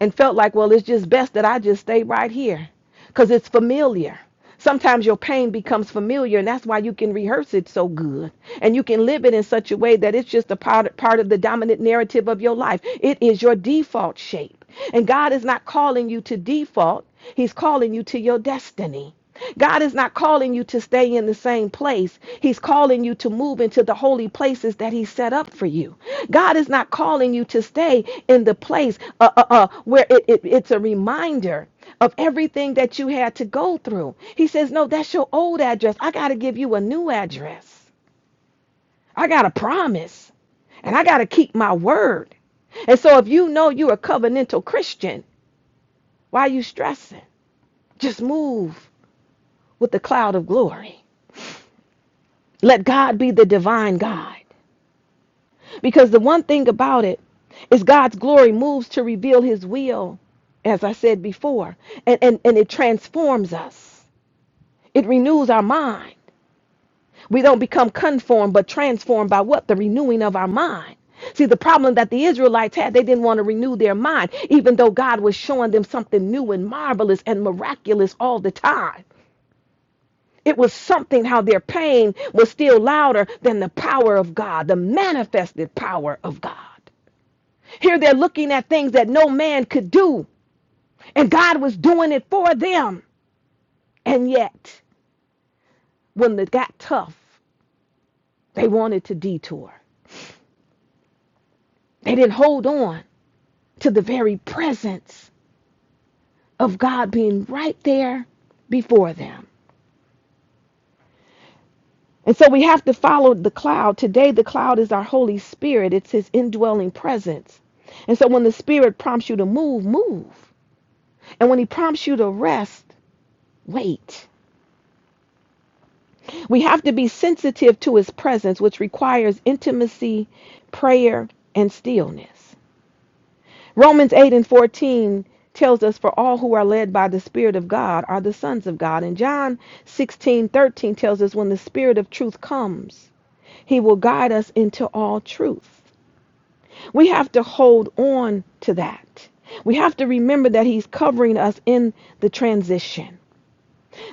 S2: and felt like, well, it's just best that I just stay right here because it's familiar. Sometimes your pain becomes familiar, and that's why you can rehearse it so good. And you can live it in such a way that it's just a part, part of the dominant narrative of your life. It is your default shape. And God is not calling you to default, He's calling you to your destiny. God is not calling you to stay in the same place. He's calling you to move into the holy places that He set up for you. God is not calling you to stay in the place uh, uh, uh, where it, it, it's a reminder of everything that you had to go through. He says, No, that's your old address. I got to give you a new address. I got a promise and I got to keep my word. And so if you know you're a covenantal Christian, why are you stressing? Just move with the cloud of glory. Let God be the divine guide. Because the one thing about it is God's glory moves to reveal his will, as I said before, and, and, and it transforms us. It renews our mind. We don't become conformed, but transformed by what? The renewing of our mind. See, the problem that the Israelites had, they didn't want to renew their mind, even though God was showing them something new and marvelous and miraculous all the time. It was something how their pain was still louder than the power of God, the manifested power of God. Here they're looking at things that no man could do, and God was doing it for them. And yet, when it got tough, they wanted to detour. They didn't hold on to the very presence of God being right there before them. And so we have to follow the cloud. Today, the cloud is our Holy Spirit, it's His indwelling presence. And so when the Spirit prompts you to move, move. And when He prompts you to rest, wait. We have to be sensitive to His presence, which requires intimacy, prayer, and stillness. Romans 8 and 14 tells us for all who are led by the spirit of God are the sons of God. And John 16:13 tells us when the spirit of truth comes, he will guide us into all truth. We have to hold on to that. We have to remember that he's covering us in the transition.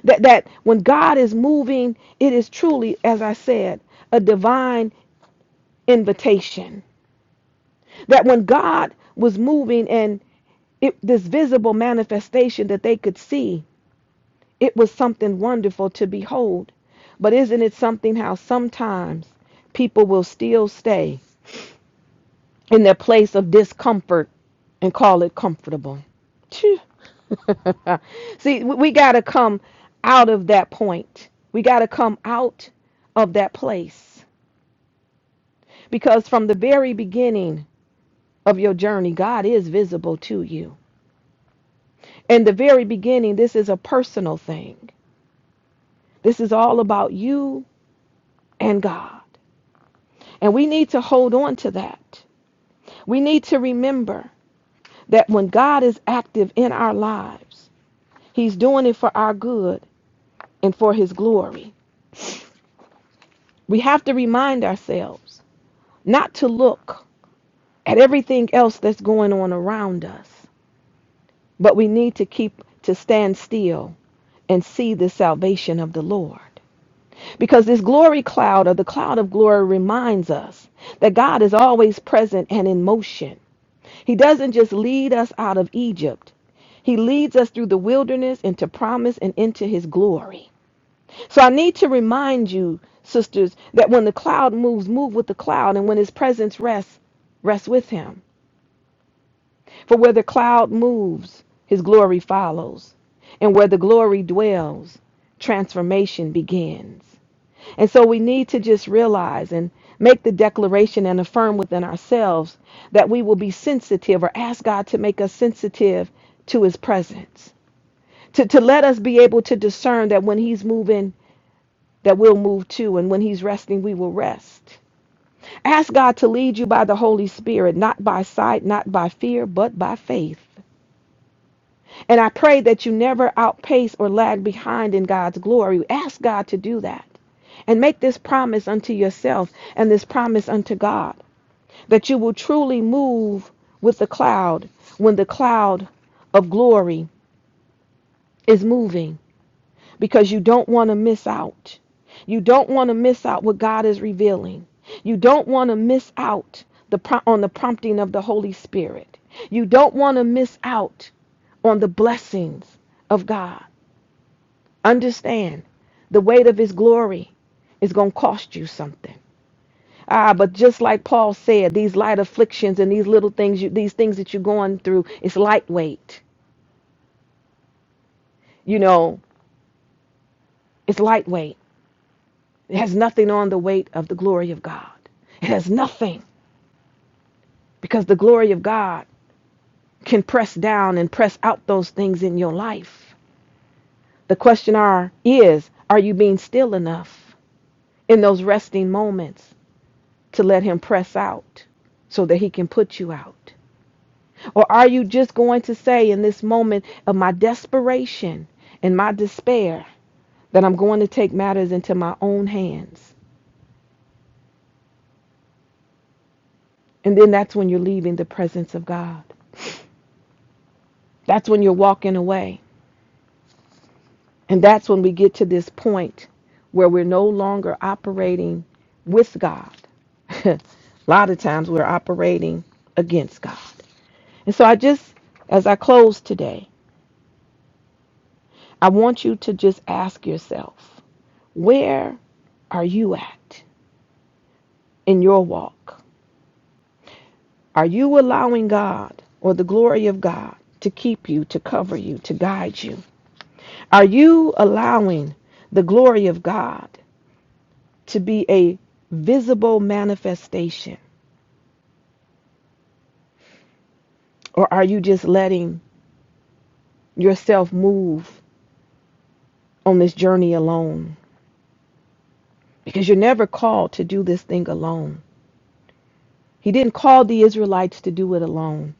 S2: That that when God is moving, it is truly as I said, a divine invitation. That when God was moving and it, this visible manifestation that they could see, it was something wonderful to behold. But isn't it something how sometimes people will still stay in their place of discomfort and call it comfortable. (laughs) See, we we got to come out of that point. We got to come out of that place because from the very beginning of your journey, God is visible to you. In the very beginning, this is a personal thing. This is all about you and God. And we need to hold on to that. We need to remember that when God is active in our lives, He's doing it for our good and for His glory. We have to remind ourselves not to look at everything else that's going on around us, but we need to keep to stand still and see the salvation of the Lord. Because this glory cloud or the cloud of glory reminds us that God is always present and in motion. He doesn't just lead us out of Egypt, He leads us through the wilderness into promise and into His glory. So I need to remind you, sisters, that when the cloud moves, move with the cloud, and when his presence rests, rest with him. For where the cloud moves, his glory follows. And where the glory dwells, transformation begins. And so we need to just realize and make the declaration and affirm within ourselves that we will be sensitive or ask God to make us sensitive to his presence. To, to let us be able to discern that when he's moving that we'll move to, and when He's resting, we will rest. Ask God to lead you by the Holy Spirit, not by sight, not by fear, but by faith. And I pray that you never outpace or lag behind in God's glory. Ask God to do that. And make this promise unto yourself and this promise unto God that you will truly move with the cloud when the cloud of glory is moving. because you don't want to miss out. You don't want to miss out what God is revealing. You don't want to miss out the pro- on the prompting of the Holy Spirit. You don't want to miss out on the blessings of God. Understand, the weight of his glory is going to cost you something. Ah, but just like Paul said, these light afflictions and these little things, you, these things that you're going through, it's lightweight. You know, it's lightweight It has nothing on the weight of the glory of God. It has nothing because the glory of God can press down and press out those things in your life. The question are is are you being still enough in those resting moments to let him press out so that he can put you out? Or are you just going to say in this moment of my desperation and my despair that I'm going to take matters into my own hands? And then that's when you're leaving the presence of God. That's when you're walking away And that's when we get to this point where we're no longer operating with God. (laughs) a lot of times we're operating against God. And so I just, as I close today, I want you to just ask yourself, where are you at in your walk? Are you allowing God or the glory of God to keep you, to cover you, to guide you? Are you allowing the glory of God to be a visible manifestation? Or are you just letting yourself move on this journey alone? Because you're never called to do this thing alone. He didn't call the Israelites to do it alone,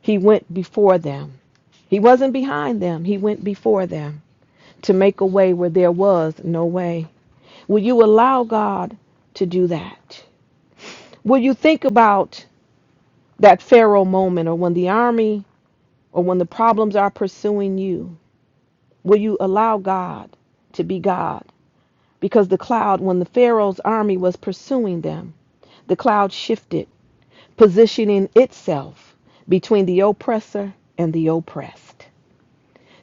S2: He went before them. He wasn't behind them, He went before them to make a way where there was no way. Will you allow God to do that? Will you think about that Pharaoh moment or when the army or when the problems are pursuing you? Will you allow God to be God? because the cloud, when the Pharaoh's army was pursuing them, the cloud shifted, positioning itself between the oppressor and the oppressed.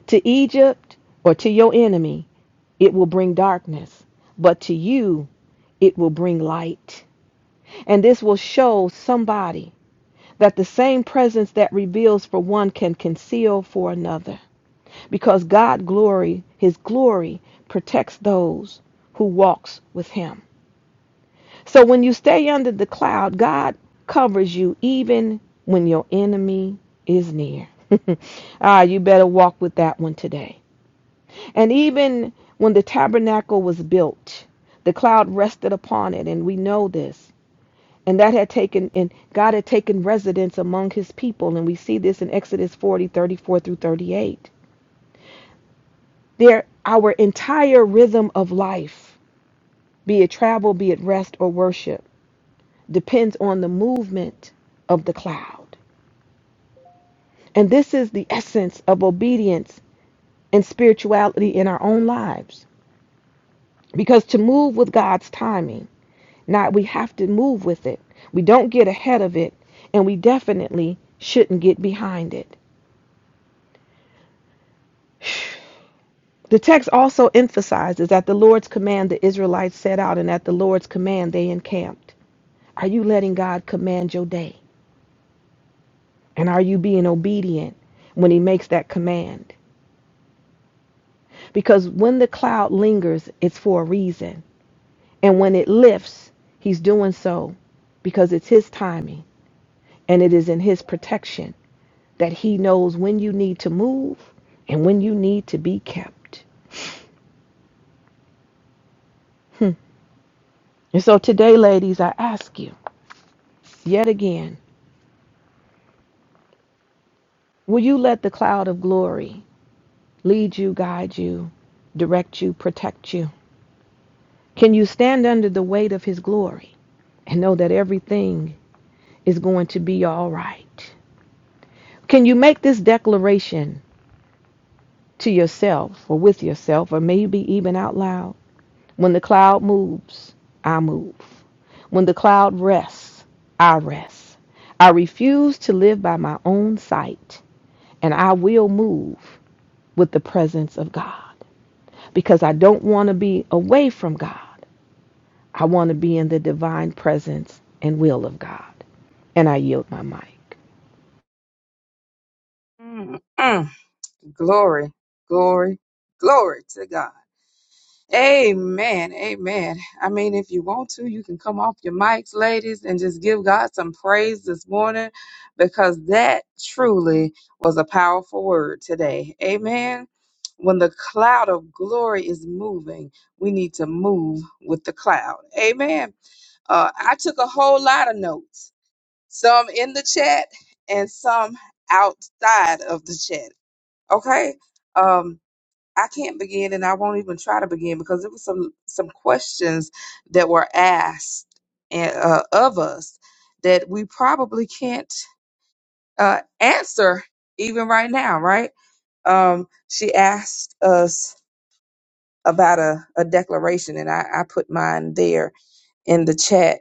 S2: To Egypt or to your enemy, it will bring darkness, but to you, it will bring light. And this will show somebody that the same presence that reveals for one can conceal for another. Because God glory, his glory protects those who walks with him. So when you stay under the cloud, God covers you even when your enemy is near. (laughs) ah, you better walk with that one today. And even when the tabernacle was built, the cloud rested upon it, and we know this. And that had taken and God had taken residence among his people, and we see this in Exodus 40 34 through 38. There our entire rhythm of life, be it travel, be it rest or worship depends on the movement of the cloud. And this is the essence of obedience and spirituality in our own lives. Because to move with God's timing, not we have to move with it. We don't get ahead of it, and we definitely shouldn't get behind it. (sighs) The text also emphasizes that the Lord's command the Israelites set out, and at the Lord's command they encamped. Are you letting God command your day? And are you being obedient when He makes that command? Because when the cloud lingers, it's for a reason. And when it lifts, he's doing so because it's his timing and it is in his protection that he knows when you need to move and when you need to be kept. Hmm. And so today, ladies, I ask you yet again will you let the cloud of glory lead you, guide you, direct you, protect you? Can you stand under the weight of his glory and know that everything is going to be all right? Can you make this declaration to yourself or with yourself or maybe even out loud? When the cloud moves, I move. When the cloud rests, I rest. I refuse to live by my own sight and I will move with the presence of God because I don't want to be away from God. I want to be in the divine presence and will of God. And I yield my mic.
S1: Mm, mm. Glory, glory, glory to God. Amen. Amen. I mean, if you want to, you can come off your mics, ladies, and just give God some praise this morning because that truly was a powerful word today. Amen. When the cloud of glory is moving, we need to move with the cloud. Amen. Uh, I took a whole lot of notes, some in the chat and some outside of the chat. Okay. Um, I can't begin and I won't even try to begin because there was some some questions that were asked eh, uh, of us that we probably can't uh, answer even right now, right? Um, she asked us about a, a declaration and I, I put mine there in the chat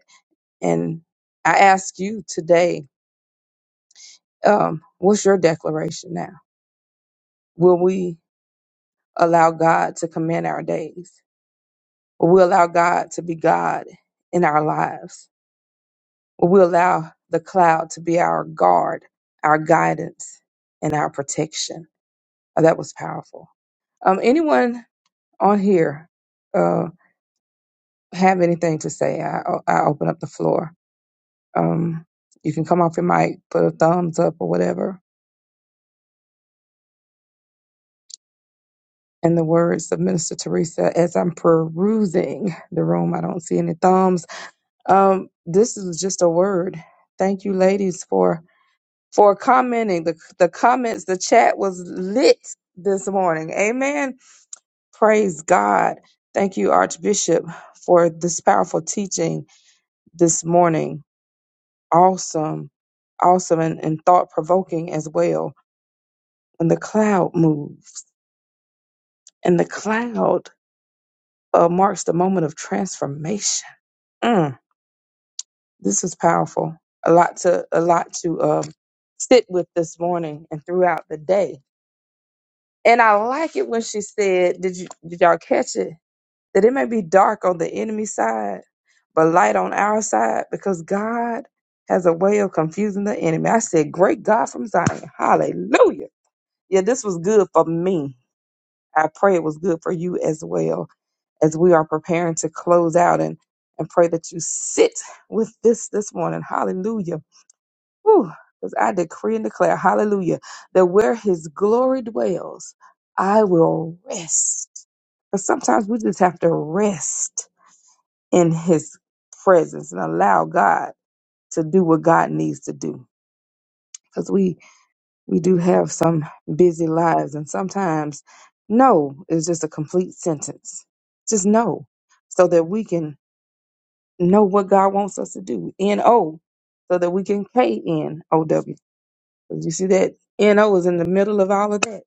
S1: and I ask you today, um, what's your declaration now? Will we allow God to command our days? Will we allow God to be God in our lives? Will we allow the cloud to be our guard, our guidance, and our protection? Oh, that was powerful. Um, anyone on here uh, have anything to say? I, oh, I open up the floor. Um, you can come off your mic, put a thumbs up or whatever. In the words of Minister Teresa, as I'm perusing the room, I don't see any thumbs. Um, this is just a word. Thank you, ladies, for for commenting. The, the comments, the chat was lit this morning. Amen. Praise God. Thank you, Archbishop, for this powerful teaching this morning. Awesome, awesome, and, and thought provoking as well. When the cloud moves, and the cloud uh, marks the moment of transformation. Mm, this is powerful. A lot to a lot to um, sit with this morning and throughout the day And I like it when she said, "Did you did y'all catch it? That it may be dark on the enemy side, but light on our side, because God has a way of confusing the enemy." I said, "Great God from Zion, Hallelujah!" Yeah, this was good for me. I pray it was good for you as well as we are preparing to close out and and pray that you sit with this this morning. Hallelujah because I decree and declare, hallelujah, that where his glory dwells, I will rest. Because sometimes we just have to rest in his presence and allow God to do what God needs to do. Because we, we do have some busy lives, and sometimes no is just a complete sentence. Just no, so that we can know what God wants us to do. N O, so that we can K N O W 'Cause you see that NO is in the middle of all of that.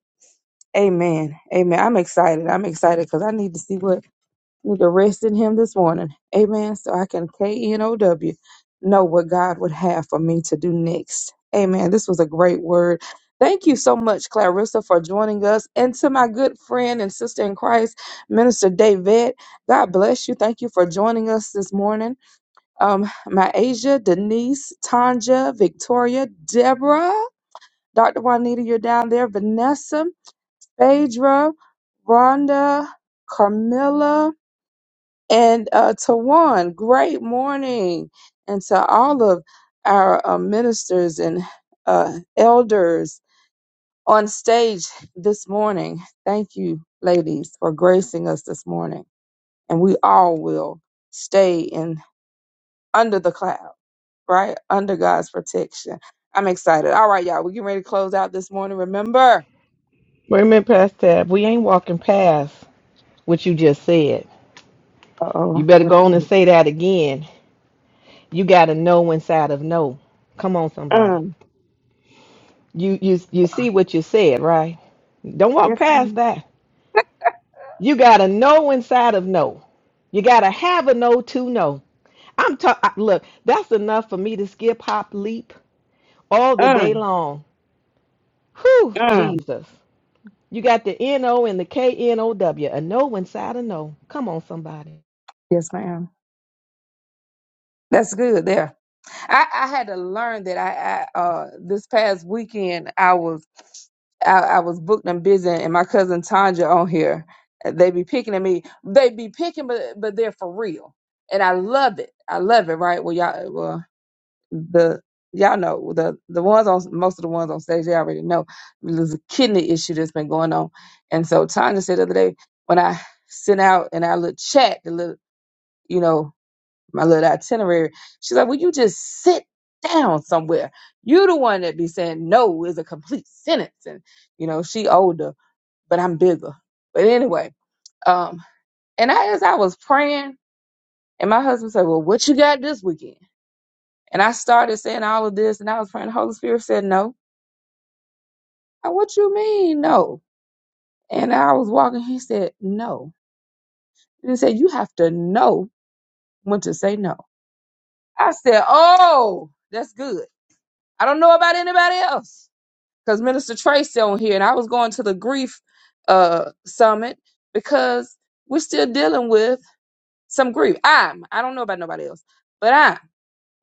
S1: Amen. Amen. I'm excited. I'm excited because I need to see what need to rest in him this morning. Amen. So I can K N O W know what God would have for me to do next. Amen. This was a great word. Thank you so much, Clarissa, for joining us. And to my good friend and sister in Christ, Minister David, God bless you. Thank you for joining us this morning. Um, my Asia, Denise, Tanja, Victoria, Deborah. Dr. Juanita, you're down there. Vanessa, Phaedra, Rhonda, Carmilla, and uh, Tawan. Great morning. And to all of our uh, ministers and uh, elders on stage this morning, thank you, ladies, for gracing us this morning. And we all will stay in under the cloud, right? Under God's protection. I'm excited. All right, y'all, we getting ready to close out this morning. Remember,
S2: Wait a minute, Pastor. We ain't walking past what you just said. You
S1: Uh-oh,
S2: better
S1: what I
S2: go on and
S1: think?
S2: say that again. You got to know inside of no. Come on, somebody.
S1: Um,
S2: You you you see what you said, right? Don't walk
S1: yes,
S2: past
S1: ma'am.
S2: that. You got to know inside of no. You got to have a no to know. I'm talking. Look, that's enough for me to skip, hop, leap all the day
S1: Um,
S2: long. Whew,
S1: um,
S2: Jesus. You got the N O and the K N O W. A no inside a no. Come on, somebody.
S1: yes, ma'am. That's good there. I, I had to learn that I, I uh this past weekend I was I, I was booked and busy, and my cousin Tanja on here. They be picking at me. They be picking, but but they're for real, and I love it. I love it. Right? Well, y'all. well, the y'all know the the ones on most of the ones on stage they already know there's a kidney issue that's been going on and so tanya said the other day when i sent out and i little chat the little you know my little itinerary she's like will you just sit down somewhere you the one that be saying no is a complete sentence and you know she older but i'm bigger but anyway um and I, as i was praying and my husband said well what you got this weekend and I started saying all of this, and I was praying. The Holy Spirit said, No. I, what you mean, no? And I was walking. He said, No. And he said, You have to know when to say no. I said, Oh, that's good. I don't know about anybody else. Because Minister Tracy on here, and I was going to the grief uh, summit because we're still dealing with some grief. I'm, I don't know about nobody else, but I'm.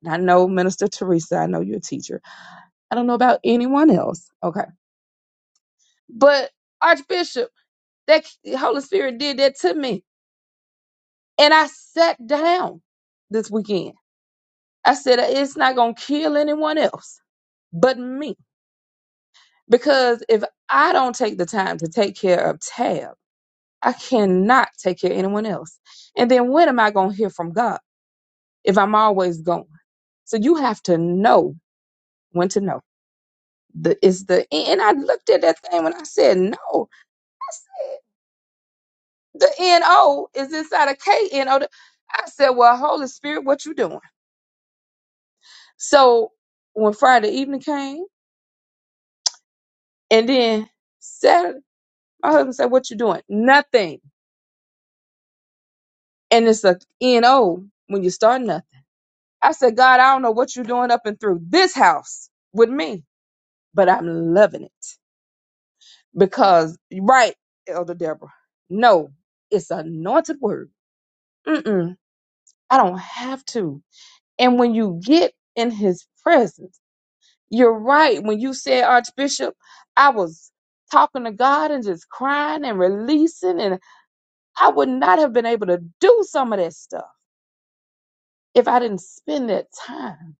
S1: and I know Minister Teresa, I know you're a teacher. I don't know about anyone else. Okay. But Archbishop. That Holy Spirit did that to me. And I sat down this weekend. I said, it's not going to kill anyone else but me. Because if I don't take the time to take care of Tab, I cannot take care of anyone else. And then when am I going to hear from God if I'm always going? So you have to know when to know. The, it's the and I looked at that thing when I said no. I said the N O is inside of K N O. I said, well, Holy Spirit, what you doing? So when Friday evening came, and then Saturday, my husband said, "What you doing? Nothing." And it's a N O when you start nothing. I said, "God, I don't know what you're doing up and through this house with me, but I'm loving it because right, Elder Deborah. No, it's anointed word. Mm-mm, I don't have to. And when you get in His presence." You're right. When you said Archbishop, I was talking to God and just crying and releasing, and I would not have been able to do some of that stuff if I didn't spend that time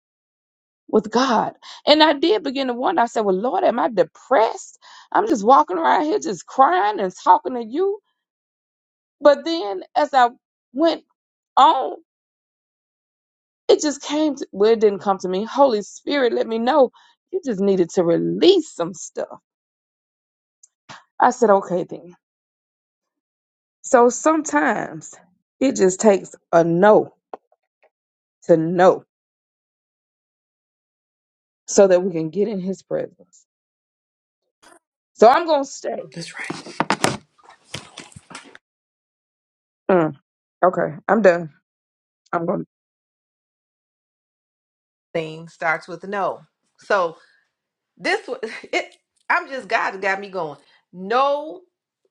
S1: with God. And I did begin to wonder. I said, Well, Lord, am I depressed? I'm just walking around here just crying and talking to you. But then as I went on, it just came to well, it didn't come to me. Holy Spirit let me know you just needed to release some stuff. I said, okay then. So sometimes it just takes a no to no so that we can get in his presence. So I'm going to stay.
S2: That's right.
S1: Mm, okay, I'm done. I'm going to.
S2: Thing starts with no. So This was (laughs) it. I'm just God got me going. No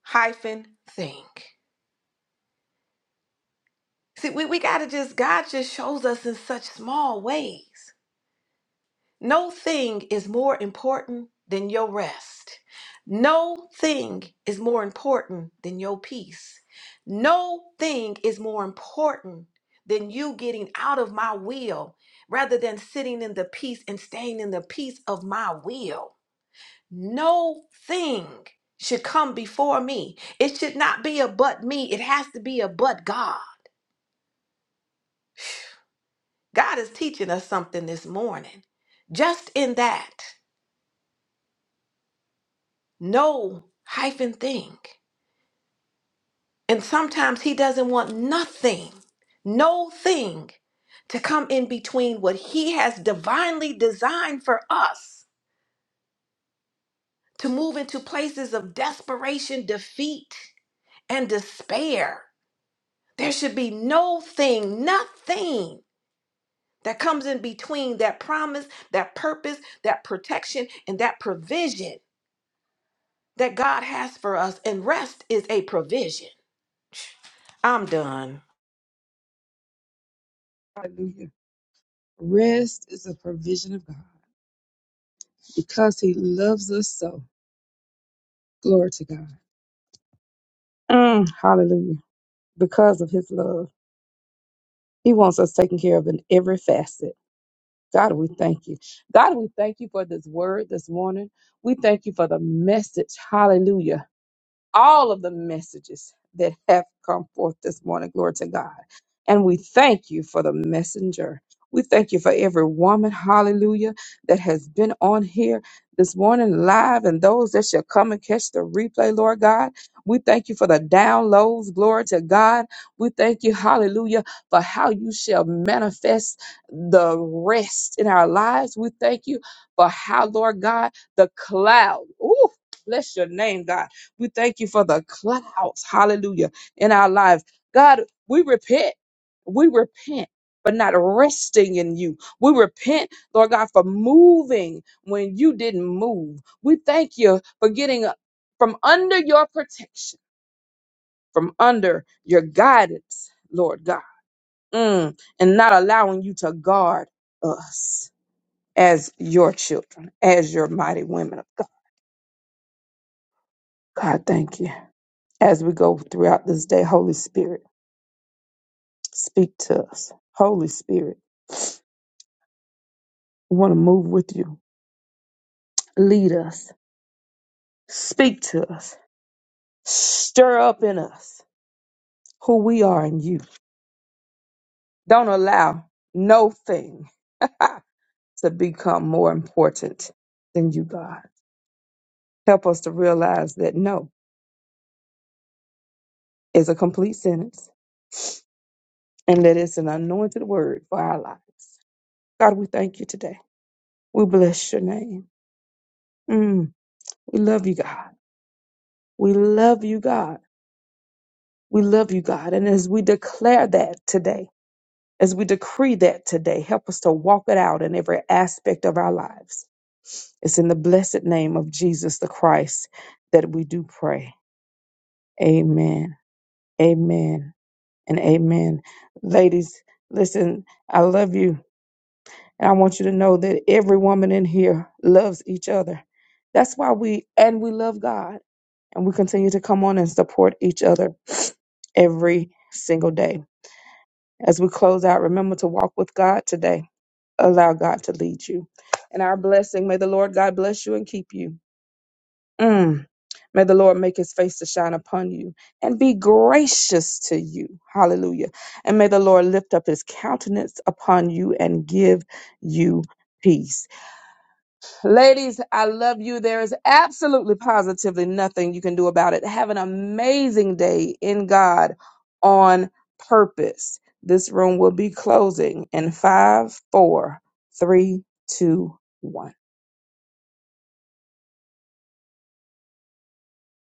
S2: hyphen thing. See, we, we gotta just God just shows us in such small ways. No thing is more important than your rest. No thing is more important than your peace. No thing is more important than you getting out of my will rather than sitting in the peace and staying in the peace of my will. No thing should come before me. It should not be a but me. It has to be a but God. God is teaching us something this morning. Just in that, no hyphen thing. And sometimes He doesn't want nothing, no thing to come in between what He has divinely designed for us to move into places of desperation, defeat, and despair. There should be no thing, nothing that comes in between that promise, that purpose, that protection, and that provision that God has for us. And rest is a provision. I'm done.
S1: Hallelujah. Rest is a provision of God because he loves us so. Glory to God. Mm, hallelujah. Because of his love, he wants us taken care of in every facet. God, we thank you. God, we thank you for this word this morning. We thank you for the message. Hallelujah all of the messages that have come forth this morning. Glory to God. And we thank you for the messenger. We thank you for every woman, hallelujah, that has been on here this morning live and those that shall come and catch the replay, Lord God. We thank you for the downloads, glory to God. We thank you, hallelujah, for how you shall manifest the rest in our lives. We thank you for how, Lord God, the cloud, ooh, bless your name, God we thank you for the clouds, hallelujah, in our lives. God, we repent. We repent for not resting in you. We repent, Lord God, for moving when you didn't move. We thank you for getting up from under your protection, from under your guidance, Lord God, Mm, and not allowing you to guard us as your children, as your mighty women of God. God, thank you. As we go throughout this day, Holy Spirit. Speak to us. Holy Spirit, we want to move with you. Lead us. Speak to us. Stir up in us who we are in you. Don't allow no thing (laughs) to become more important than you, God. Help us to realize that no is a complete sentence and that it's an anointed word for our lives. God, we thank you today. We bless your name. Mm, we love you, God. We love you, God. We love you, God. And as we declare that today, as we decree that today, help us to walk it out in every aspect of our lives. It's in the blessed name of Jesus the Christ that we do pray. Amen. Amen. And amen. Ladies, listen, I love you. And I want you to know that every woman in here loves each other. That's why we, and we love God. And we continue to come on and support each other every single day. As we close out, remember to walk with God today. Allow God to lead you. And our blessing, may the Lord God bless you and keep you. Mm. May the Lord make his face to shine upon you and be gracious to you. Hallelujah. And may the Lord lift up his countenance upon you and give you peace. Ladies, I love you. There is absolutely positively nothing you can do about it. Have an amazing day in God on purpose. This room will be closing in five, four, three, two, one.